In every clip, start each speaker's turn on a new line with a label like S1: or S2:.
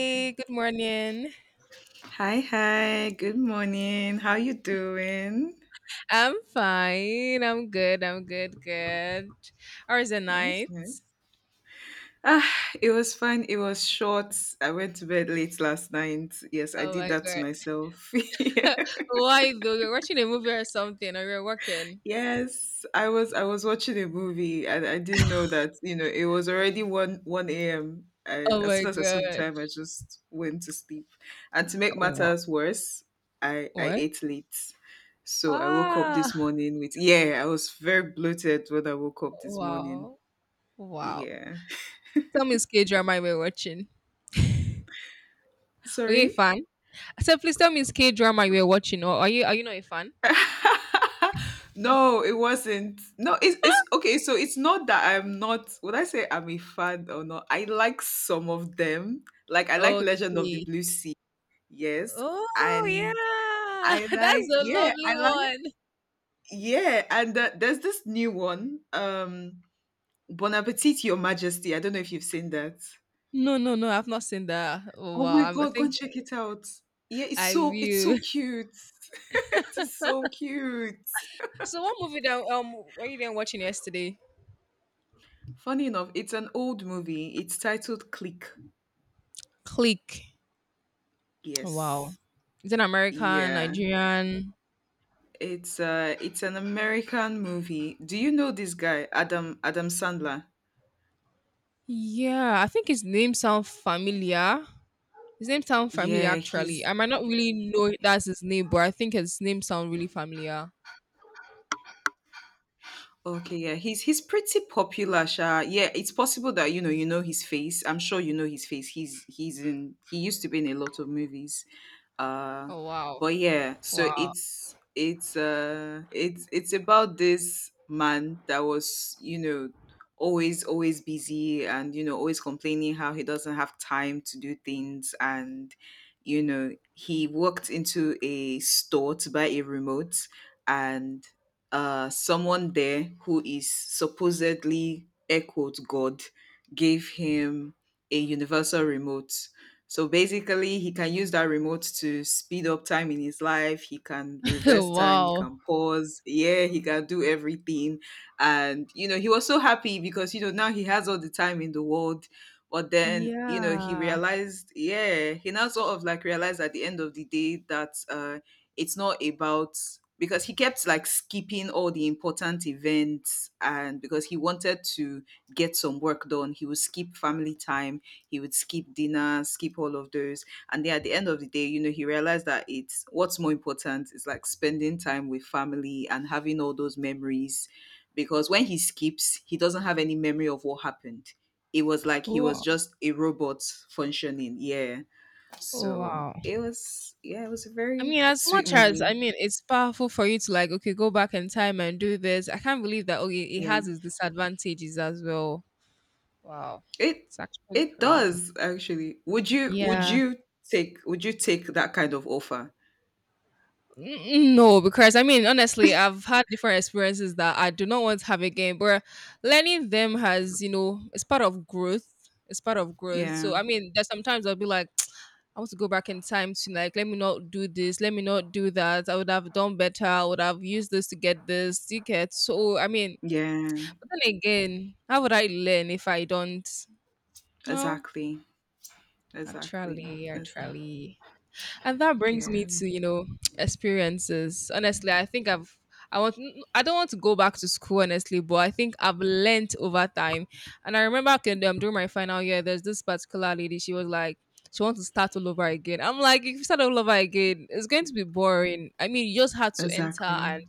S1: Okay.
S2: good morning.
S1: Hi, hi. Good morning. How you doing?
S2: I'm fine. I'm good. I'm good. Good. How is the
S1: That was
S2: night?
S1: nice. Ah, it was fine. It was short. I went to bed late last night. Yes, I
S2: Oh
S1: did
S2: my
S1: that to
S2: god.
S1: myself.
S2: Why though? You're watching a movie or something, or you're working?
S1: Yes, I was watching a movie and I didn't know that, you know, it was already 1 a.m.
S2: Oh
S1: As
S2: my
S1: soon as I saw the
S2: god.
S1: time, I just went to sleep. And to make
S2: Wow.
S1: matters worse, I
S2: What?
S1: ate late. So I woke up this
S2: Ah.
S1: morning with yeah, I was very bloated when I woke up this morning.
S2: Wow. Wow.
S1: Yeah.
S2: Tell me, it's K drama you were watching. Are you a
S1: Sorry?
S2: fan? I said, please tell me, it's K drama you were watching, or are you not a fan?
S1: No, it wasn't. No, it's okay. So it's not that I'm not. Would I say I'm a fan or not? I like some of them. Like I like Legend of the
S2: Okay.
S1: Blue Sea. Yes,
S2: Oh
S1: and
S2: yeah, that's a lovely
S1: I like
S2: one.
S1: yeah, and there's this new one. Bon Appetit, Your Majesty. I don't know if you've seen that.
S2: No, no, no. I've not seen that. Oh,
S1: Oh
S2: wow.
S1: my
S2: I
S1: God, go and
S2: think
S1: check it out. Yeah, it's
S2: I
S1: so it's so
S2: will.
S1: cute. It is so cute.
S2: So, what movie that were you then watching yesterday?
S1: Funny enough, it's an old movie. It's titled Click.
S2: Click. Oh, wow.
S1: Yes.
S2: Is it American,
S1: Yeah.
S2: Nigerian?
S1: It's an American movie. Do you know this guy, Adam Sandler?
S2: Yeah, I think his name sound familiar. His name sound familiar,
S1: Yeah,
S2: actually.
S1: he's
S2: I might not really know that's his name, but I think his name sound really familiar.
S1: okay, yeah. He's pretty popular, Sha. Yeah, it's possible that you know his face. I'm sure you know his face. He used to be in a lot of movies. Uh,
S2: Oh wow.
S1: but yeah, so
S2: Wow.
S1: it's about this man that was you know always busy and you know always complaining how he doesn't have time to do things, and you know he walked into a store to buy a remote. And uh, someone there who is supposedly air quote god gave him a universal remote. So basically, he can use that remote to speed up time in his life. He can reverse time. He
S2: Wow.
S1: can pause. Yeah, he can do everything. And, you know, he was so happy because, you know, now he has all the time in the world. But then, you know, he
S2: Yeah.
S1: realized, yeah, he now sort of like realized at the end of the day that it's not about because he kept like skipping all the important events, and because he wanted to get some work done, he would skip family time, he would skip dinner, skip all of those. And then at the end of the day, you know, he realized that it's what's more important is like spending time with family and having all those memories. Because when he skips, he doesn't have any memory of what happened. It was like he was
S2: Wow.
S1: just a robot functioning. Yeah. So
S2: Wow.
S1: it was, yeah, it was a
S2: I
S1: very
S2: mean, as
S1: sweet
S2: much as
S1: movie.
S2: I mean, it's powerful for you to like, okay, go back in time and do this. I can't believe that. Okay, it
S1: Yeah.
S2: has its disadvantages as well. Wow,
S1: It,
S2: it's actually
S1: it
S2: crazy.
S1: does actually.
S2: Yeah,
S1: Would you take that kind of offer?
S2: No, because I mean, honestly, I've had different experiences that I do not want to have again. But learning them has, it's part of growth. It's part of growth.
S1: Yeah.
S2: So I mean, there's sometimes I'll be like, I want to go back in time to like, let me not do this, let me not do that. I would have done better. I would have used this to get this. Ticket. So. I mean,
S1: Yeah.
S2: but then again, how would I learn if I don't? No,
S1: Exactly. Exactly.
S2: actually,
S1: Exactly.
S2: actually. And that brings me
S1: Yeah.
S2: to, experiences. Honestly, I think I don't want to go back to school, honestly, but I think I've learnt over time. And I remember during my final year, there's this particular lady, she was like she wants to start all over again. I'm like, if you start all over again, it's going to be boring. I mean,
S1: Exactly.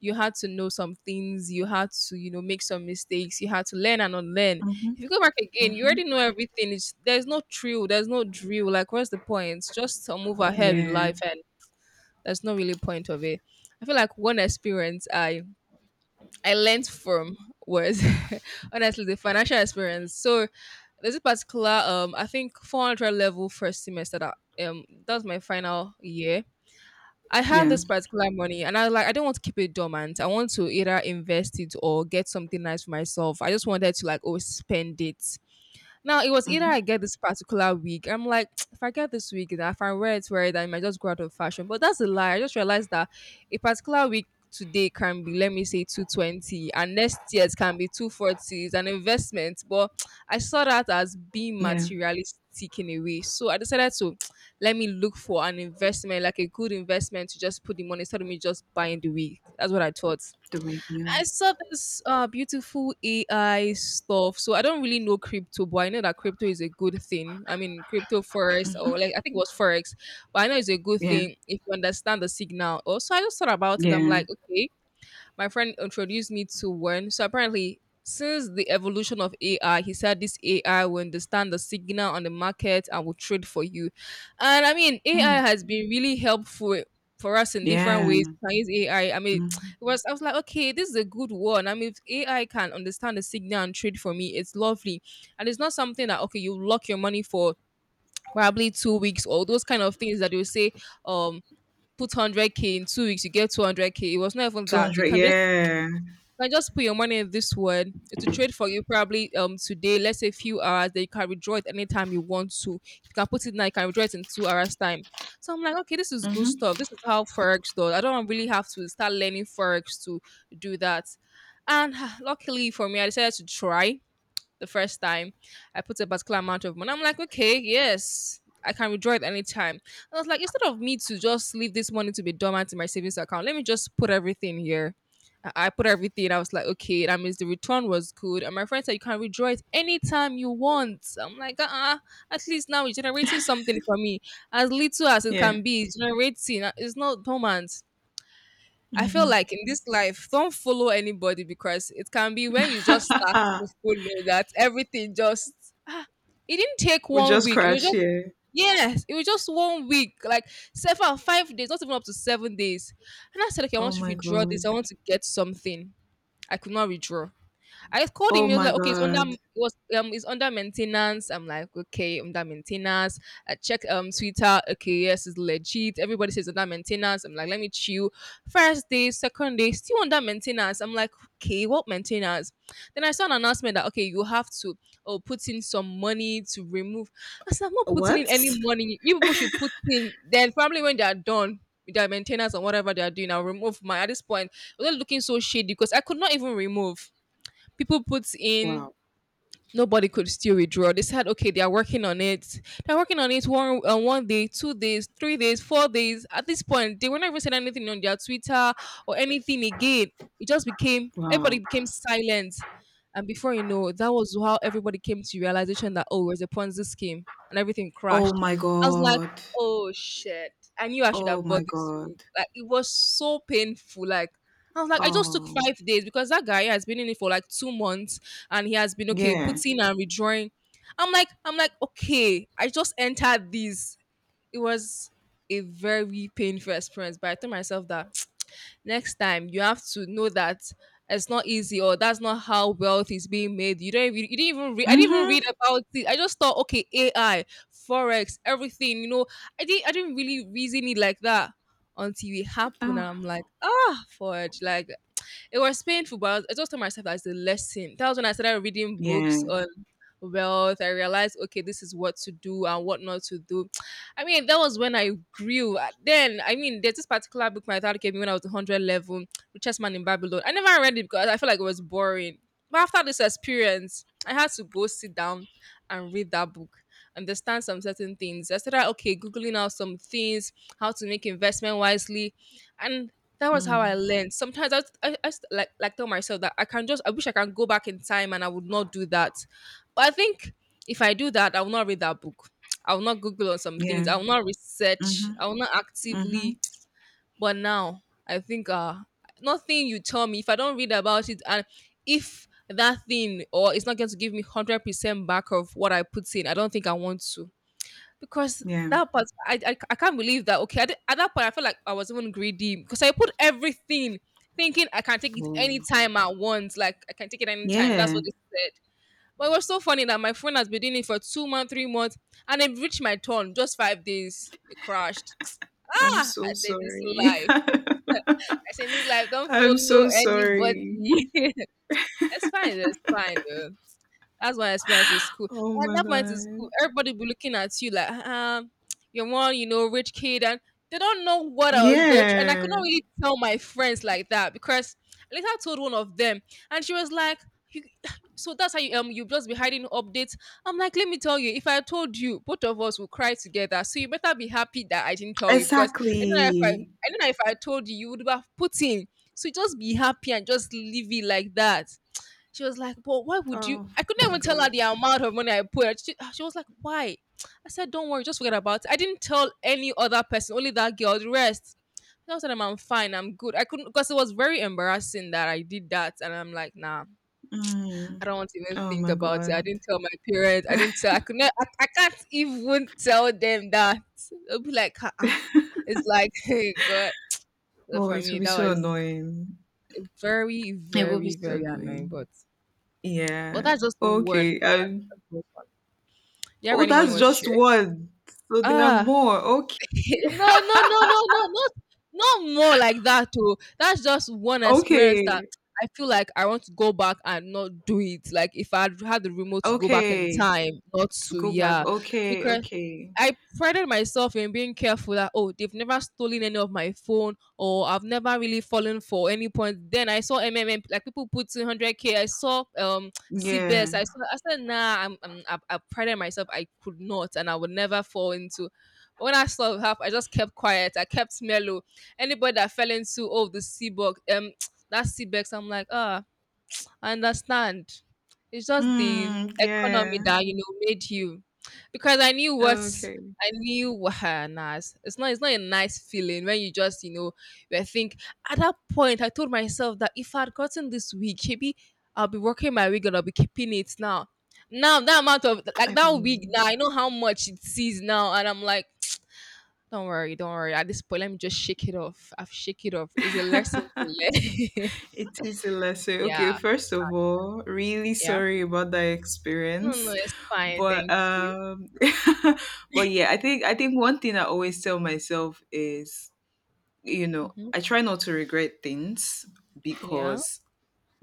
S2: you had to know some things, you had to, make some mistakes, you had to learn and unlearn.
S1: Mm-hmm.
S2: If you go back again, you
S1: Mm-hmm.
S2: already know everything. It's, there's no thrill, there's no drill. Like, where's the point? It's just to move ahead with
S1: Yeah.
S2: life, and that's not really point of it. I feel like one experience I learned from was honestly the financial experience. So there's a particular I think 400 level first semester that that was my final year. I have
S1: Yeah.
S2: this particular money and I like I don't want to keep it dormant. I want to either invest it or get something nice for myself. I just wanted to like always spend it. Now it was either
S1: Mm-hmm.
S2: I get this particular wig. I'm like, if I get this wig, that if I wear it, I might just go out of fashion. But that's a lie. I just realized that a particular wig today can be, let me say, 220, and next year's can be 240. It's an investment, but I saw that as being
S1: Yeah.
S2: materialistic in a way. So I decided to let me look for an investment, like a good investment, to just put the money instead of me just buying the wig. That's what I thought.
S1: The way. Yeah.
S2: I saw this beautiful AI stuff. So I don't really know crypto, but I know that crypto is a good thing. I mean, crypto forex or like I think it was forex, but I know it's a good
S1: Yeah.
S2: thing if you understand the signal. Also, I just thought about it. I'm
S1: Yeah.
S2: like, okay, my friend introduced me to one. So apparently, since the evolution of AI, he said this AI will understand the signal on the market and will trade for you. And I mean, AI
S1: Hmm.
S2: has been really helpful for us in different ways.
S1: Yeah.
S2: We can use AI. I mean, it
S1: Hmm.
S2: was I was like, okay, this is a good one. I mean, if AI can understand the signal and trade for me, it's lovely. And it's not something that okay, you lock your money for probably 2 weeks or those kind of things that you say, um, put 100K in 2 weeks, you get 200K. It was not even that.
S1: 200. Yeah.
S2: You can just put your money in this one. It will trade for you probably today, let's say a few hours, then you can withdraw it anytime you want to. You can put it now, you can withdraw it in 2 hours time. So I'm like, okay, this is good
S1: Mm-hmm.
S2: stuff. This is how Forex does. I don't really have to start learning Forex to do that. And luckily for me, I decided to try the first time. I put a particular amount of money. I'm like, okay, yes, I can withdraw it anytime. And I was like, instead of me to just leave this money to be dormant in my savings account, let me just put everything here. I put everything. I was like, okay, that means the return was good. And my friend said, you can withdraw it anytime you want. I'm like, at least now it's generating something for me. As little as it
S1: Yeah.
S2: can be, it's generating. It's not dormant. I feel
S1: Mm-hmm.
S2: like in this life, don't follow anybody because it can be when you just start to follow that everything just ah, it didn't take
S1: We
S2: one
S1: just
S2: week. It was
S1: crashed
S2: just
S1: here.
S2: yes, it was just one week, like 7, 5 days, not even up to 7 days. And I said, okay, I
S1: Oh
S2: want to
S1: my
S2: redraw this. I
S1: God.
S2: want to get something. I could not redraw. I called him.
S1: Oh
S2: He was
S1: my
S2: like, okay,
S1: God.
S2: it's under maintenance. I'm like, okay, under maintenance. I checked Twitter. Okay, yes, it's legit. Everybody says under maintenance. I'm like, let me chill. First day, second day, still under maintenance. I'm like, okay, what maintenance? Then I saw an announcement that okay, you have to oh put in some money to remove. I said, I'm not putting in
S1: What?
S2: any money. You people should put in. Then probably when they are done with their maintenance and whatever they are doing, I'll remove my. At this point, it was looking so shady because I could not even remove. People put in,
S1: Wow.
S2: nobody could still withdraw. They said, okay, they are working on it, they're working on it. One day, 2 days, 3 days, 4 days. At this point, they were not even saying anything on their Twitter or anything again. It just became Everybody
S1: Wow.
S2: became silent. And before you know, that was how everybody came to realization that it was a Ponzi scheme, and everything
S1: Oh
S2: crashed.
S1: my
S2: I was like,
S1: God.
S2: oh shit. I knew I should
S1: Oh
S2: have
S1: my
S2: bought this week.
S1: God.
S2: Like, it was so painful. Like, I was like, I just took
S1: Oh,
S2: 5 days because that guy has been in it for like 2 months, and he has been okay
S1: yeah.
S2: putting and redrawing. Okay, I just entered this. It was a very painful experience, but I told myself that next time you have to know that it's not easy or that's not how wealth is being made. You didn't even read. I didn't even read
S1: Mm-hmm.
S2: about it. I just thought, okay, AI, forex, everything. You know, I didn't really reason it like that until it happened.
S1: Oh,
S2: And I'm like, forge. Like it was painful, but I just told myself that's a lesson. That was when I started reading
S1: yeah.
S2: books on wealth. I realized, okay, this is what to do and what not to do. I mean, that was when I grew. Then, I mean, there's this particular book my dad gave me when I was 100 level, Richest Man in Babylon. I never read it because I felt like it was boring. But after this experience, I had to go sit down and read that book, understand some certain things. I started, okay, Googling out some things, how to make investment wisely. And that was how I
S1: Mm.
S2: learned. Sometimes I like tell myself that I wish I can go back in time and I would not do that. But I think if I do that, I will not read that book. I will not Google on some things.
S1: Yeah.
S2: I will not research.
S1: Mhm.
S2: I will not actively.
S1: Mhm.
S2: But now I think nothing you tell me. If I don't read about it, and if that thing or it's not going to give me 100% back of what I put in, I don't think I want to. Because
S1: Yeah.
S2: that part, I can't believe that. Okay, I did, at that point, I felt like I was even greedy because I put everything, thinking I can take it
S1: Wow.
S2: anytime at once. Like I can take it anytime. That's
S1: Yeah.
S2: what they said. But it was so funny that my friend has been doing it for 2 months, 3 months, and it reached my turn just 5 days. It crashed.
S1: I'm
S2: Ah,
S1: so
S2: I said this
S1: sorry.
S2: life. I said this life. Don't
S1: I'm
S2: follow
S1: so
S2: anybody.
S1: sorry.
S2: It's fine. It's fine. Though. That's my experience in school.
S1: Oh
S2: At
S1: my
S2: that point in school,
S1: god.
S2: everybody be looking at you like, you're one, rich kid, and they don't know what I was going through. And I
S1: Yeah.
S2: could not really tell my friends like that because I later told one of them, and she was like, you, so that's how you you just be hiding updates. I'm like, let me tell you, if I told you, both of us will cry together. So you better be happy that I didn't tell you because
S1: Exactly.
S2: I don't know if I told you, you would have put in. So just be happy and just leave it like that. She was like, but why would you?
S1: Oh
S2: I couldn't
S1: my
S2: even tell her
S1: god.
S2: the amount of money I put. She was like, why? I said, don't worry, just forget about it. I didn't tell any other person, only that girl, the rest. And I was like, I'm fine, I'm good. I couldn't, because it was very embarrassing that I did that. And I'm like, nah, I
S1: Mm.
S2: don't want to even
S1: Oh
S2: think
S1: my
S2: about it. I
S1: god.
S2: didn't tell my parents. I didn't tell, I could not, I can't even tell them that. It'll be like, uh-uh. It's like, hey, God. So
S1: Oh,
S2: for
S1: it will
S2: me,
S1: be
S2: that
S1: so
S2: was
S1: annoying.
S2: very,
S1: It will be
S2: very,
S1: so
S2: very annoying.
S1: annoying.
S2: But
S1: Yeah.
S2: that's just one.
S1: Okay.
S2: Do you have
S1: Oh,
S2: anyone you
S1: that's
S2: want to
S1: just
S2: share?
S1: one. So there are
S2: Ah,
S1: more. Okay.
S2: no, no, no, no, no, not more like that. Too. That's just one experience that
S1: Okay.
S2: I feel like I want to go back and not do it. Like if I had the remote to go back in
S1: Okay.
S2: time, not
S1: To
S2: to
S1: go back.
S2: yeah,
S1: Okay.
S2: because
S1: Okay.
S2: I prided myself in being careful that oh they've never stolen any of my phone or I've never really fallen for any point. Then I saw MMM like people put 200 k. I saw
S1: Yeah.
S2: CBS. I saw I said nah. I prided myself. I could not and I would never fall into. But when I saw half, I just kept quiet. I kept mellow. Anybody that fell into oh the C box that C Seabex, I'm like ah I understand. It's just the
S1: Mm,
S2: economy
S1: yeah.
S2: that you know made you, because I knew what
S1: Okay.
S2: I knew. Nah, nah, it's not. It's not a nice feeling when you just you know. I think at that point I told myself that if I'd gotten this week, maybe I'll be working my week and I'll be keeping it now. Now that amount of like
S1: I
S2: that week
S1: mean,
S2: now, I know how much it sees now, and I'm like, don't worry, don't worry. At this point, let me just shake it off. I've shake it off. It's a lesson to learn.
S1: it is a lesson.
S2: yeah,
S1: Okay, first of all, really
S2: yeah.
S1: sorry about that
S2: No, no,
S1: experience.
S2: it's fine.
S1: But
S2: Thank you.
S1: um, but yeah, I think one thing I always tell myself is, you know,
S2: Hmm.
S1: I try not to regret things
S2: Yeah.
S1: because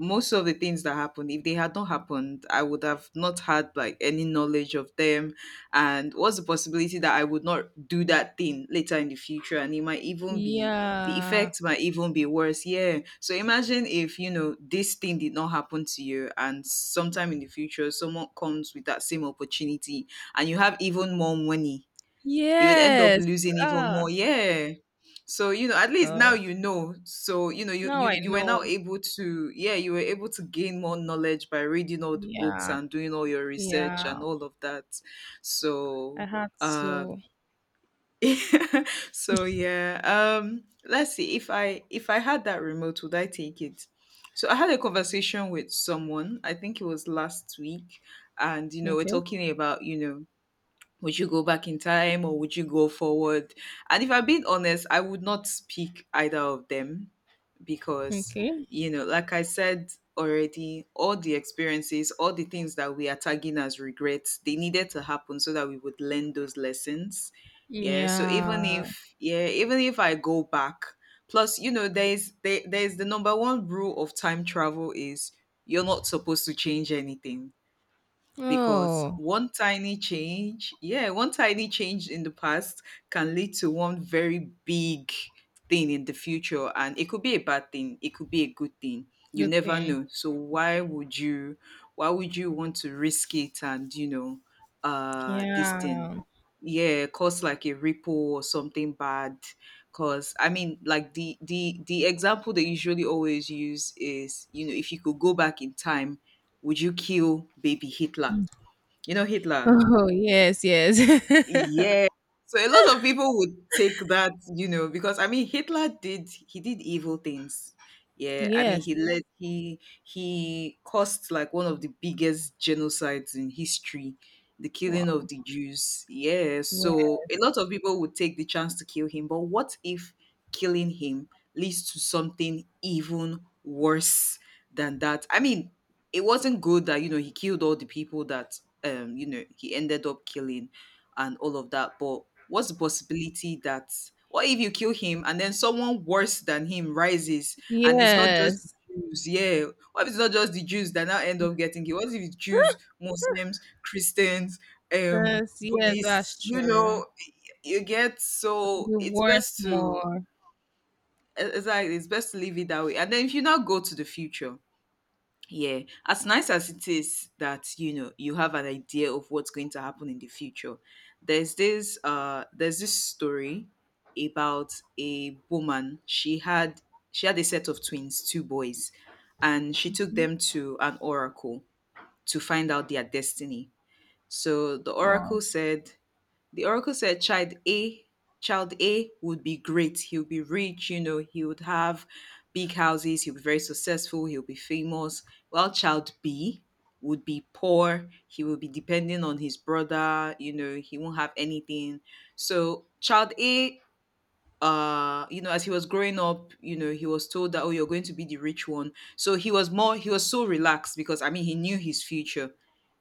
S1: most of the things that happened, if they had not happened, I would have not had like any knowledge of them. And what's the possibility that I would not do that thing later in the future, and it might even be the
S2: Yeah.
S1: effect might even be worse. Yeah, so imagine if you know this thing did not happen to you, and sometime in the future someone comes with that same opportunity and you have even more money, you would end up
S2: Yes.
S1: losing even more.
S2: Ah,
S1: Yeah. So, you know, at least now
S2: God.
S1: you know. So, you know, you,
S2: Now
S1: you
S2: I
S1: you were now
S2: know.
S1: able to yeah, you were able to gain more knowledge by reading all the books
S2: Yeah.
S1: and doing all your research
S2: Yeah.
S1: and all of that.
S2: I
S1: So
S2: had
S1: uh,
S2: to.
S1: so yeah. Um, let's see, if I had that remote, would I take it? So I had a conversation with someone, I think it was last week, and you know, we're
S2: Okay.
S1: talking about, you know, would you go back in time or would you go forward? And if I'm being honest, I would not pick either of them because,
S2: Okay.
S1: you know, like I said already, all the experiences, all the things that we are tagging as regrets, they needed to happen so that we would learn those lessons. Yeah. So
S2: Yeah.
S1: even if, yeah, even if I go back, plus, you know, there's the number one rule of time travel is you're not supposed to change anything because
S2: Oh,
S1: one tiny change, yeah, one tiny change in the past can lead to one very big thing in the future. And it could be a bad thing, it could be a good thing. You
S2: good
S1: never
S2: thing.
S1: know. So why would you want to risk it and you know uh, this thing?
S2: Yeah.
S1: Yeah, cause like a ripple or something bad. Cause I mean like the example they usually always use is, you know, if you could go back in time, would you kill baby Hitler? You know Hitler?
S2: Oh, yes. Yes.
S1: Yeah. So a lot of people would take that, you know, because I mean Hitler did he did evil things. Yeah, I mean
S2: yes.
S1: he led he caused like one of the biggest genocides in history, the
S2: Wow.
S1: killing of the Jews. Yeah, so a
S2: Yes.
S1: lot of people would take the chance to kill him, but what if killing him leads to something even worse than that? I mean, it wasn't good that you know he killed all the people that um, you know he ended up killing, and all of that. But what's the possibility that what if you kill him and then someone worse than him rises, and it's not just
S2: Yes.
S1: Jews? Yeah. What if it's not just the Jews that now end up getting killed? What if it's Jews, Muslims, Christians,
S2: Yes. Yes.
S1: Buddhists?
S2: That's
S1: You
S2: true.
S1: know, you get
S2: It would
S1: so
S2: be
S1: it's
S2: worse
S1: best to
S2: more.
S1: it's like it's best to leave it that way. And then if you now go to the future, yeah, as nice as it is that you know you have an idea of what's going to happen in the future, there's this story about a woman. She had a set of twins, two boys, and she took
S2: Okay.
S1: them to an oracle to find out their destiny. So
S2: Wow.
S1: the oracle said child A, child A would be great. He'll be rich, you know, he would have big houses, he'll be very successful, he'll be famous. Well, child B would be poor, he will be dependent on his brother, you know, he won't have anything. So child A uh, you know as he was growing up, you know he was told that oh, you're going to be the rich one. So he was so relaxed because I mean he knew his future,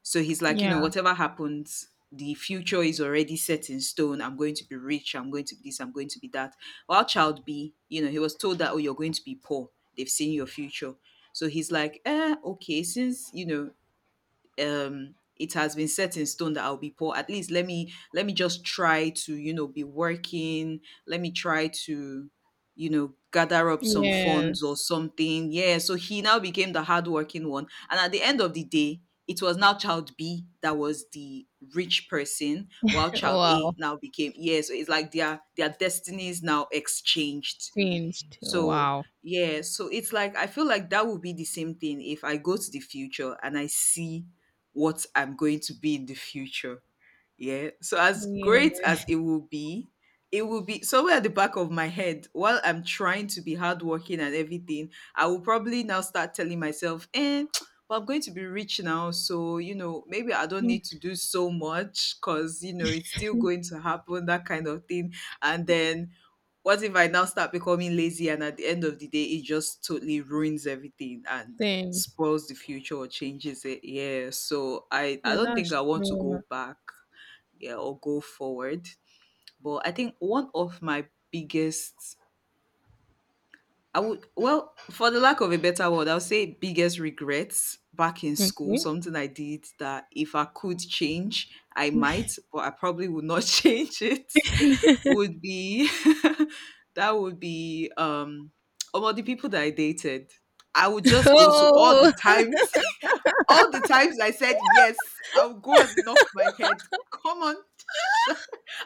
S1: so he's like you know
S2: Yeah.
S1: whatever happens, the future is already set in stone, I'm going to be rich, I'm going to be this, I'm going to be that. While child B, you know he was told that oh, you're going to be poor, they've seen your future. So he's like eh, okay, since you know um, it has been set in stone that I'll be poor. At least let me just try to, you know, be working. Let me try to, you know, gather up some funds or
S2: Yes.
S1: something. Yeah. So he now became the hardworking one. And at the end of the day, it was now child B that was the rich person, while child A
S2: Wow.
S1: now became yeah. So it's like their destinies now exchanged.
S2: Changed.
S1: So
S2: Wow.
S1: yeah, so it's like I feel like that would be the same thing if I go to the future and I see what I'm going to be in the future. Yeah. So as great
S2: Yeah.
S1: as it will be somewhere at the back of my head while I'm trying to be hardworking and everything. I will probably now start telling myself, eh, but I'm going to be rich now. So, you know, maybe I don't need to do so much because, you know, it's still going to happen, that kind of thing. And then what if I now start becoming lazy and at the end of the day it just totally ruins everything and
S2: Same.
S1: spoils the future or changes it? Yeah. So I
S2: Yeah,
S1: don't think
S2: that's
S1: I want to
S2: true.
S1: go back, yeah, or go forward. But I think one of my biggest I would well, for the lack of a better word, I would say biggest regrets back in school,
S2: Okay.
S1: something I did that if I could change, I might, but I probably would not change it, would be that would be about the people that I dated. I would just go to all the
S2: Oh,
S1: times, all the times I said yes, I would go and knock my head. Come on,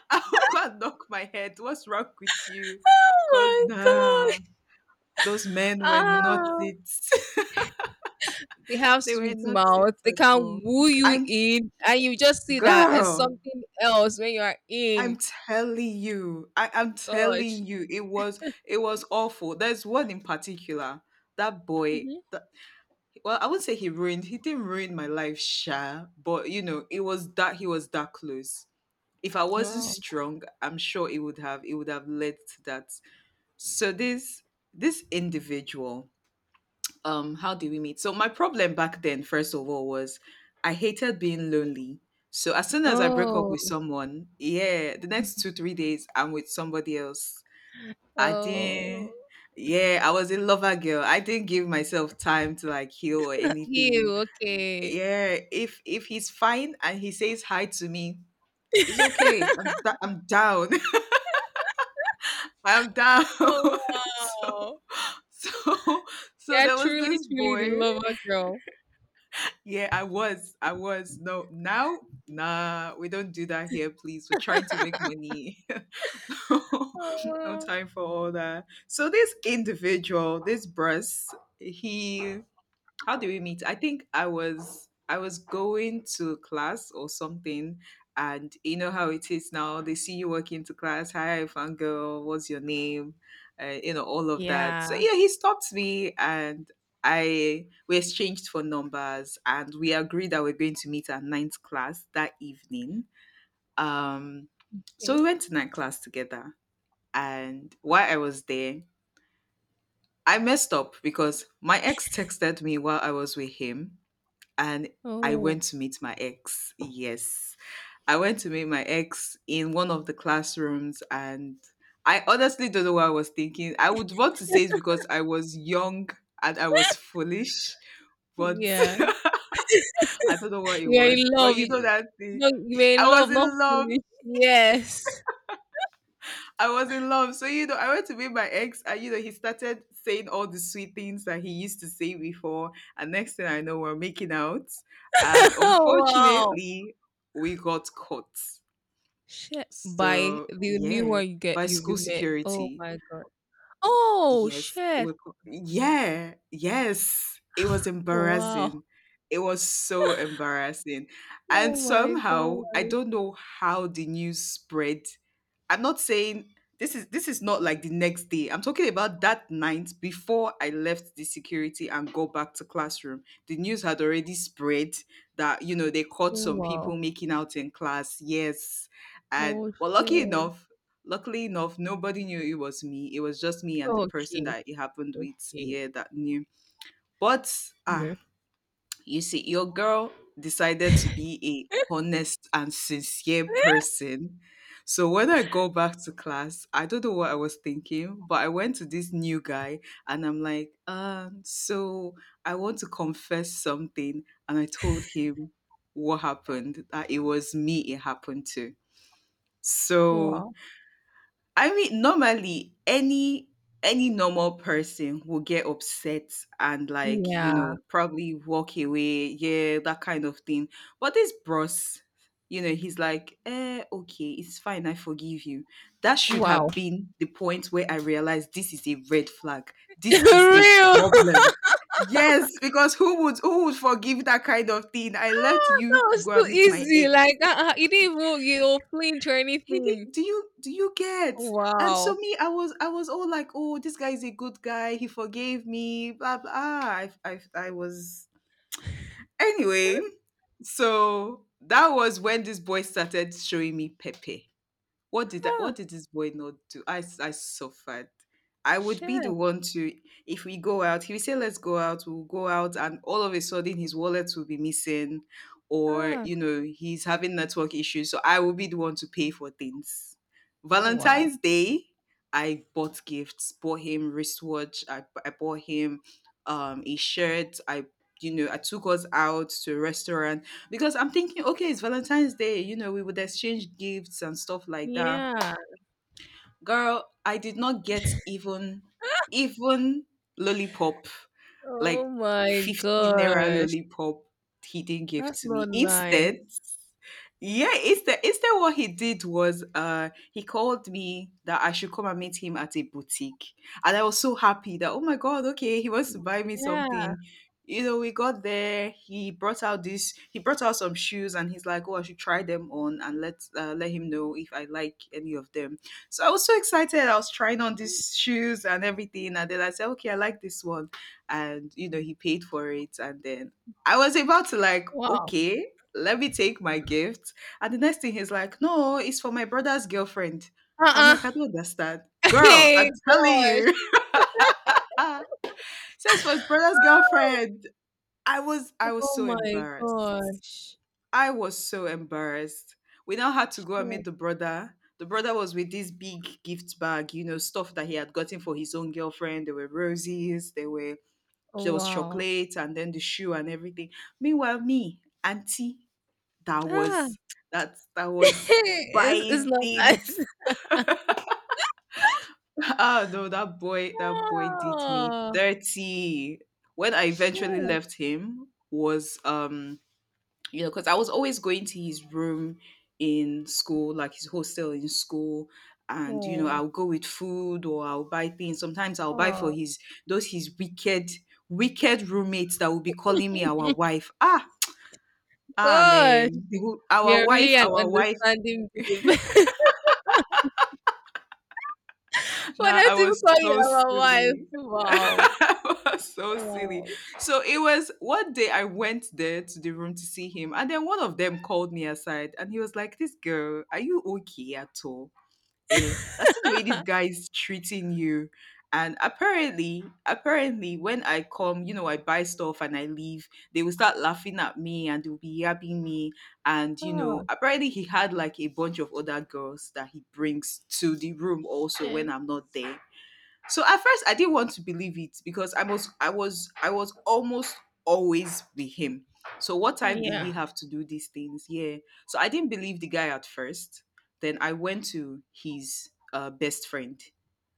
S1: I would go and knock my head. What's wrong with you? Cause
S2: oh my
S1: nah.
S2: god.
S1: Those men were not
S2: Ah.
S1: it.
S2: They have
S1: They were
S2: sweet
S1: not it
S2: mouth. They
S1: at
S2: can
S1: all.
S2: woo you
S1: I'm
S2: in, and you just see that as
S1: girl,
S2: something else when you are
S1: I'm
S2: in.
S1: telling you. I am
S2: Gosh.
S1: telling you, it was awful. There's one in particular. That boy
S2: Hmm.
S1: that, well, I wouldn't say he ruined. He didn't ruin my life, sure. But you know, it was that he was that close. If I wasn't
S2: Wow.
S1: strong, I'm sure it would have led to that. So this individual, how did we meet? So my problem back then, first of all, was I hated being lonely. So as soon as I broke up
S2: Oh.
S1: with someone, yeah, the next two three days I'm with somebody else. I didn't
S2: Oh.
S1: Yeah, I was a lover girl. I didn't give myself time to, like, heal or anything.
S2: You okay?
S1: Yeah, if he's fine and he says hi to me, it's okay. I'm down. I'm down.
S2: Oh
S1: so
S2: wow.
S1: so so
S2: Yeah,
S1: there was
S2: truly,
S1: this
S2: truly the
S1: boy.
S2: lover girl.
S1: Yeah, I was. I was. No, now, nah, we don't do that here, please. We're trying to make money. No
S2: Oh.
S1: time for all that. So this individual, this Bruce, he how do we meet? I think I was going to class or something, and you know how it is now. They see you walk into class. Hi, fangirl. What's your name? You know all of that.
S2: Yeah.
S1: So yeah, he stopped me, and I we exchanged phone numbers, and we agreed that we're going to meet at ninth class that evening. Um, so
S2: Okay.
S1: we went to ninth class together, and while I was there, I messed up because my ex texted me while I was with him, and I
S2: Oh,
S1: went to meet my ex. Yes. I went to meet my ex in one of the classrooms, and I honestly don't know what I was thinking. I would want to say it's because I was young and I was foolish, but
S2: yeah.
S1: I don't know what it
S2: You're in
S1: was. But
S2: love.
S1: you know
S2: You,
S1: that thing.
S2: no, you were
S1: I
S2: in
S1: was
S2: love, not
S1: in love.
S2: foolish. Yes.
S1: I was in love. So, you know, I went to meet my ex, and, you know, he started saying all the sweet things that he used to say before. And next thing I know, we're making out. And
S2: wow.
S1: unfortunately, we got caught.
S2: Shit. By
S1: So,
S2: the new
S1: yeah,
S2: one you get,
S1: by school
S2: you met. Oh
S1: security.
S2: my god. Oh
S1: Yes, it
S2: shit.
S1: was, yeah, yes. It was
S2: Wow.
S1: embarrassing. It was so embarrassing. And
S2: Oh my
S1: somehow, I
S2: god.
S1: don't know how the news spread. I'm not saying this is not like the next day. I'm talking about that night before I left the security and go back to classroom. The news had already spread that you know they caught
S2: Oh,
S1: some people
S2: wow.
S1: making out in class. Yes, and
S2: Oh
S1: well, lucky
S2: shit.
S1: enough, luckily enough, nobody knew it was me. It was just me and the person
S2: Okay.
S1: that it happened with.
S2: Okay.
S1: Yeah, that knew. But ah,
S2: No.
S1: you see, your girl decided to be a honest and sincere person. So when I go back to class, I don't know what I was thinking, but I went to this new guy and I'm like, so I want to confess something. And I told him what happened, that it was me it happened to. So
S2: Wow.
S1: I mean, normally any normal person will get upset and, like, you
S2: Yeah.
S1: know, probably walk away, yeah, that kind of thing. But this bros, you know, he's like, eh, okay, it's fine, I forgive you. That should have
S2: Wow.
S1: been the point where I realized this is a red flag. This is a
S2: Real.
S1: problem. Yes, because who would forgive that kind of thing? I left you
S2: That
S1: to
S2: was
S1: go and
S2: too
S1: meet my
S2: easy.
S1: ex.
S2: Like, uh-uh, you didn't even you know, flinch or
S1: He
S2: anything.
S1: did, do you get? And so
S2: Wow.
S1: me, I was all like, oh, this guy is a good guy. He forgave me. Blah blah. Ah, I was anyway. So that was when this boy started showing me Pepe.
S2: Ah,
S1: What did this boy not do? I suffered. I would be the
S2: shit.
S1: one to. If we go out, he would say, "Let's go out." We'll go out, and all of a sudden, his wallet will be missing, or
S2: Ah,
S1: you know, he's having network issues. So I will be the one to pay for things.
S2: wow.
S1: Valentine's Day, I bought gifts. Bought him wristwatch. I bought him a shirt. I, you know, I took us out to a restaurant because I'm thinking, okay, it's Valentine's Day, you know, we would exchange gifts and stuff like that.
S2: Yeah.
S1: Girl, I did not get even lollipop,
S2: Oh
S1: like
S2: my
S1: 50 naira
S2: gosh.
S1: lollipop he didn't give
S2: That's
S1: to me.
S2: not nice.
S1: Instead, yeah, it's what he did was he called me that I should come and meet him at a boutique. And I was so happy that, oh my god, okay, he wants to buy me
S2: Yeah.
S1: something. You know, we got there, he brought out some shoes and he's like, oh, I should try them on and let, let him know if I like any of them. So I was so excited. I was trying on these shoes and everything, and then I said, okay, I like this one. And you know, he paid for it, and then I was about to, like,
S2: Wow.
S1: okay, let me take my gift, and the next thing he's like, no, it's for my brother's girlfriend. I'm like,
S2: Uh-uh.
S1: I don't understand. Girl, I'm
S2: Hey,
S1: telling
S2: gosh.
S1: you. Says for his brother's girlfriend. I was
S2: Oh
S1: so
S2: my
S1: embarrassed.
S2: gosh.
S1: I was so embarrassed. We now had to go and
S2: Yeah.
S1: meet the brother. The brother was with this big gift bag, you know, stuff that he had gotten for his own girlfriend. There were roses, there was
S2: Wow.
S1: chocolate and then the shoe and everything. Meanwhile, me, auntie, that
S2: Ah.
S1: was that was
S2: It's
S1: buying
S2: not nice.
S1: things. Ah, no, that boy did me
S2: Oh,
S1: dirty. When I
S2: shit.
S1: eventually left him was, you know, because I was always going to his room in school, like his hostel in school, and you know,
S2: Oh,
S1: I'll go with food or I'll buy things. Sometimes I'll buy for
S2: oh,
S1: his those his wicked, wicked roommates that will be calling me our wife. Ah, ah
S2: gosh.
S1: man.
S2: We
S1: Our
S2: are
S1: wife,
S2: really an
S1: our wife.
S2: understanding babe. For
S1: Nah,
S2: them
S1: I
S2: to
S1: was
S2: call you
S1: so
S2: our wife.
S1: silly.
S2: Wow.
S1: I was so silly.
S2: Wow.
S1: So it was one day I went there to the room to see him, and then one of them called me aside and he was like, this girl, are you okay at all? Eh, that's the way this guy is treating you. And apparently, apparently, when I come, you know, I buy stuff and I leave, they will start laughing at me and they'll be yabbing me. And, you
S2: Oh,
S1: know, apparently he had, like, a bunch of other girls that he brings to the room also when
S2: shit.
S1: I'm not there. So at first I didn't want to believe it because I was almost always with him. So what time did
S2: Yeah.
S1: he have to do these things? Yeah. So I didn't believe the guy at first. Then I went to his best friend.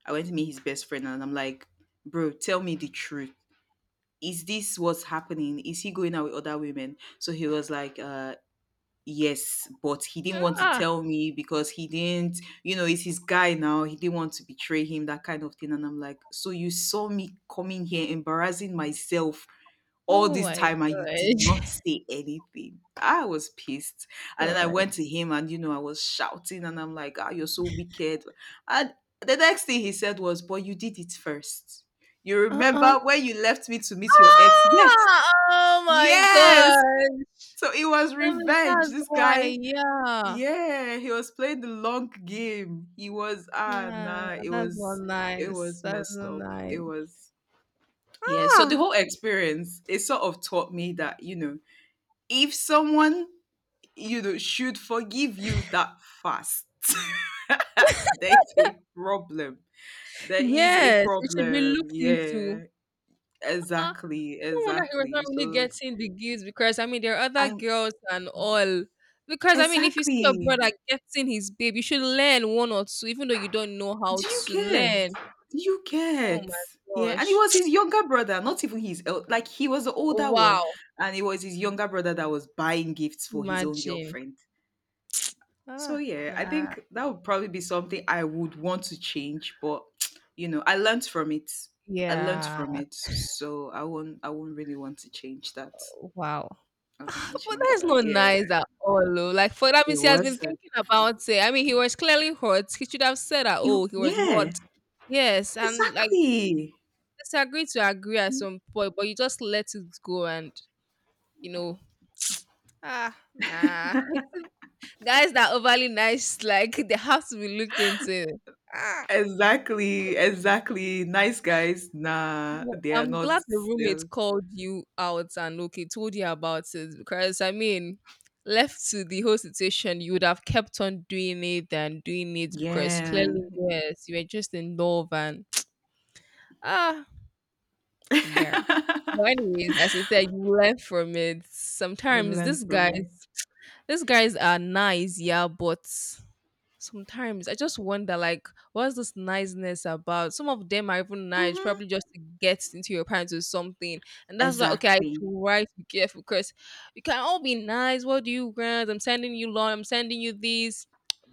S1: I went to meet his best friend and I'm like, bro, tell me the truth. Is this what's happening? Is he going out with other women? So he was like, yes, but he didn't want to
S2: Ah.
S1: tell me because he didn't, you know, it's his guy now. He didn't want to betray him, that kind of thing. And I'm like, so you saw me coming here embarrassing myself all
S2: Oh
S1: this
S2: my
S1: time and you did not
S2: gosh.
S1: say anything. I was pissed. And then I went
S2: Gosh.
S1: to him and, you know, I was shouting and I'm like, ah, you're so wicked. And the next thing he said was, but you did it first. You
S2: Uh-uh.
S1: remember when you left me to meet your ex? Yes,
S2: Ah! Oh my
S1: yes.
S2: gosh.
S1: So it was
S2: I mean,
S1: revenge.
S2: that's
S1: This
S2: why.
S1: guy,
S2: Yeah.
S1: yeah, he was playing the long game. He was
S2: Ah,
S1: nah, it
S2: that's not
S1: was it
S2: nice.
S1: was
S2: That's
S1: messed
S2: not
S1: up.
S2: nice.
S1: It was yeah. So the
S2: Ah,
S1: whole experience, it sort of taught me that, you know, if someone, you know, should forgive you that fast, there's a problem. There is a
S2: yes, it should be
S1: problem.
S2: looked into.
S1: Yeah,
S2: Uh-uh.
S1: exactly,
S2: No wonder he was not
S1: exactly.
S2: really
S1: So
S2: getting the gigs because I mean there are other
S1: I'm
S2: girls and all. Because I mean, if you see your
S1: exactly.
S2: brother getting his babe, you should learn one or two, even though you don't know how
S1: Do you
S2: to
S1: get?
S2: learn.
S1: Do you
S2: Oh
S1: get?
S2: my
S1: Yeah, and it
S2: gosh!
S1: was his younger brother, not even like he was the older one,
S2: Wow!
S1: and it was his younger brother that was buying gifts for his own
S2: Imagine.
S1: girlfriend. So
S2: Ah,
S1: yeah, I
S2: nah.
S1: think that would probably be something I would want to change, but I learned from it. I learned
S2: Yeah.
S1: from it, so I won't really want to change that.
S2: Wow.
S1: I don't want to
S2: But
S1: change
S2: that's
S1: that.
S2: not
S1: Yeah,
S2: nice at all. Oh. Like for that
S1: it
S2: means he has
S1: was.
S2: been thinking about it. I mean, he was clearly hot. He should have said that.
S1: It,
S2: Oh, he was
S1: yeah,
S2: hot. Yes, and like
S1: exactly.
S2: disagree to agree at some point, but you just let it go and you know, ah nah. Guys that are overly nice, like they have to be looked into. Ah.
S1: Exactly, exactly. Nice guys, nah,
S2: Well,
S1: they are
S2: I'm
S1: not.
S2: glad the
S1: They're,
S2: roommate called you out and okay, told you about it because I mean, left to the whole situation, you would have kept on doing it and doing it because
S1: yeah,
S2: clearly, yes, you were just in love and ah, yeah. But anyways, as I said, you learn from it.
S1: we
S2: Sometimes
S1: learn
S2: these
S1: from it.
S2: guys These guys are nice, yeah, but sometimes I just wonder, like, what's this niceness about? Some of them are even nice,
S1: hmm
S2: probably just to get into your pants or something. And that's why, okay, I
S1: Exactly.
S2: try to be careful because you can all be nice. What do you grant? I'm sending you lawn, I'm sending you this.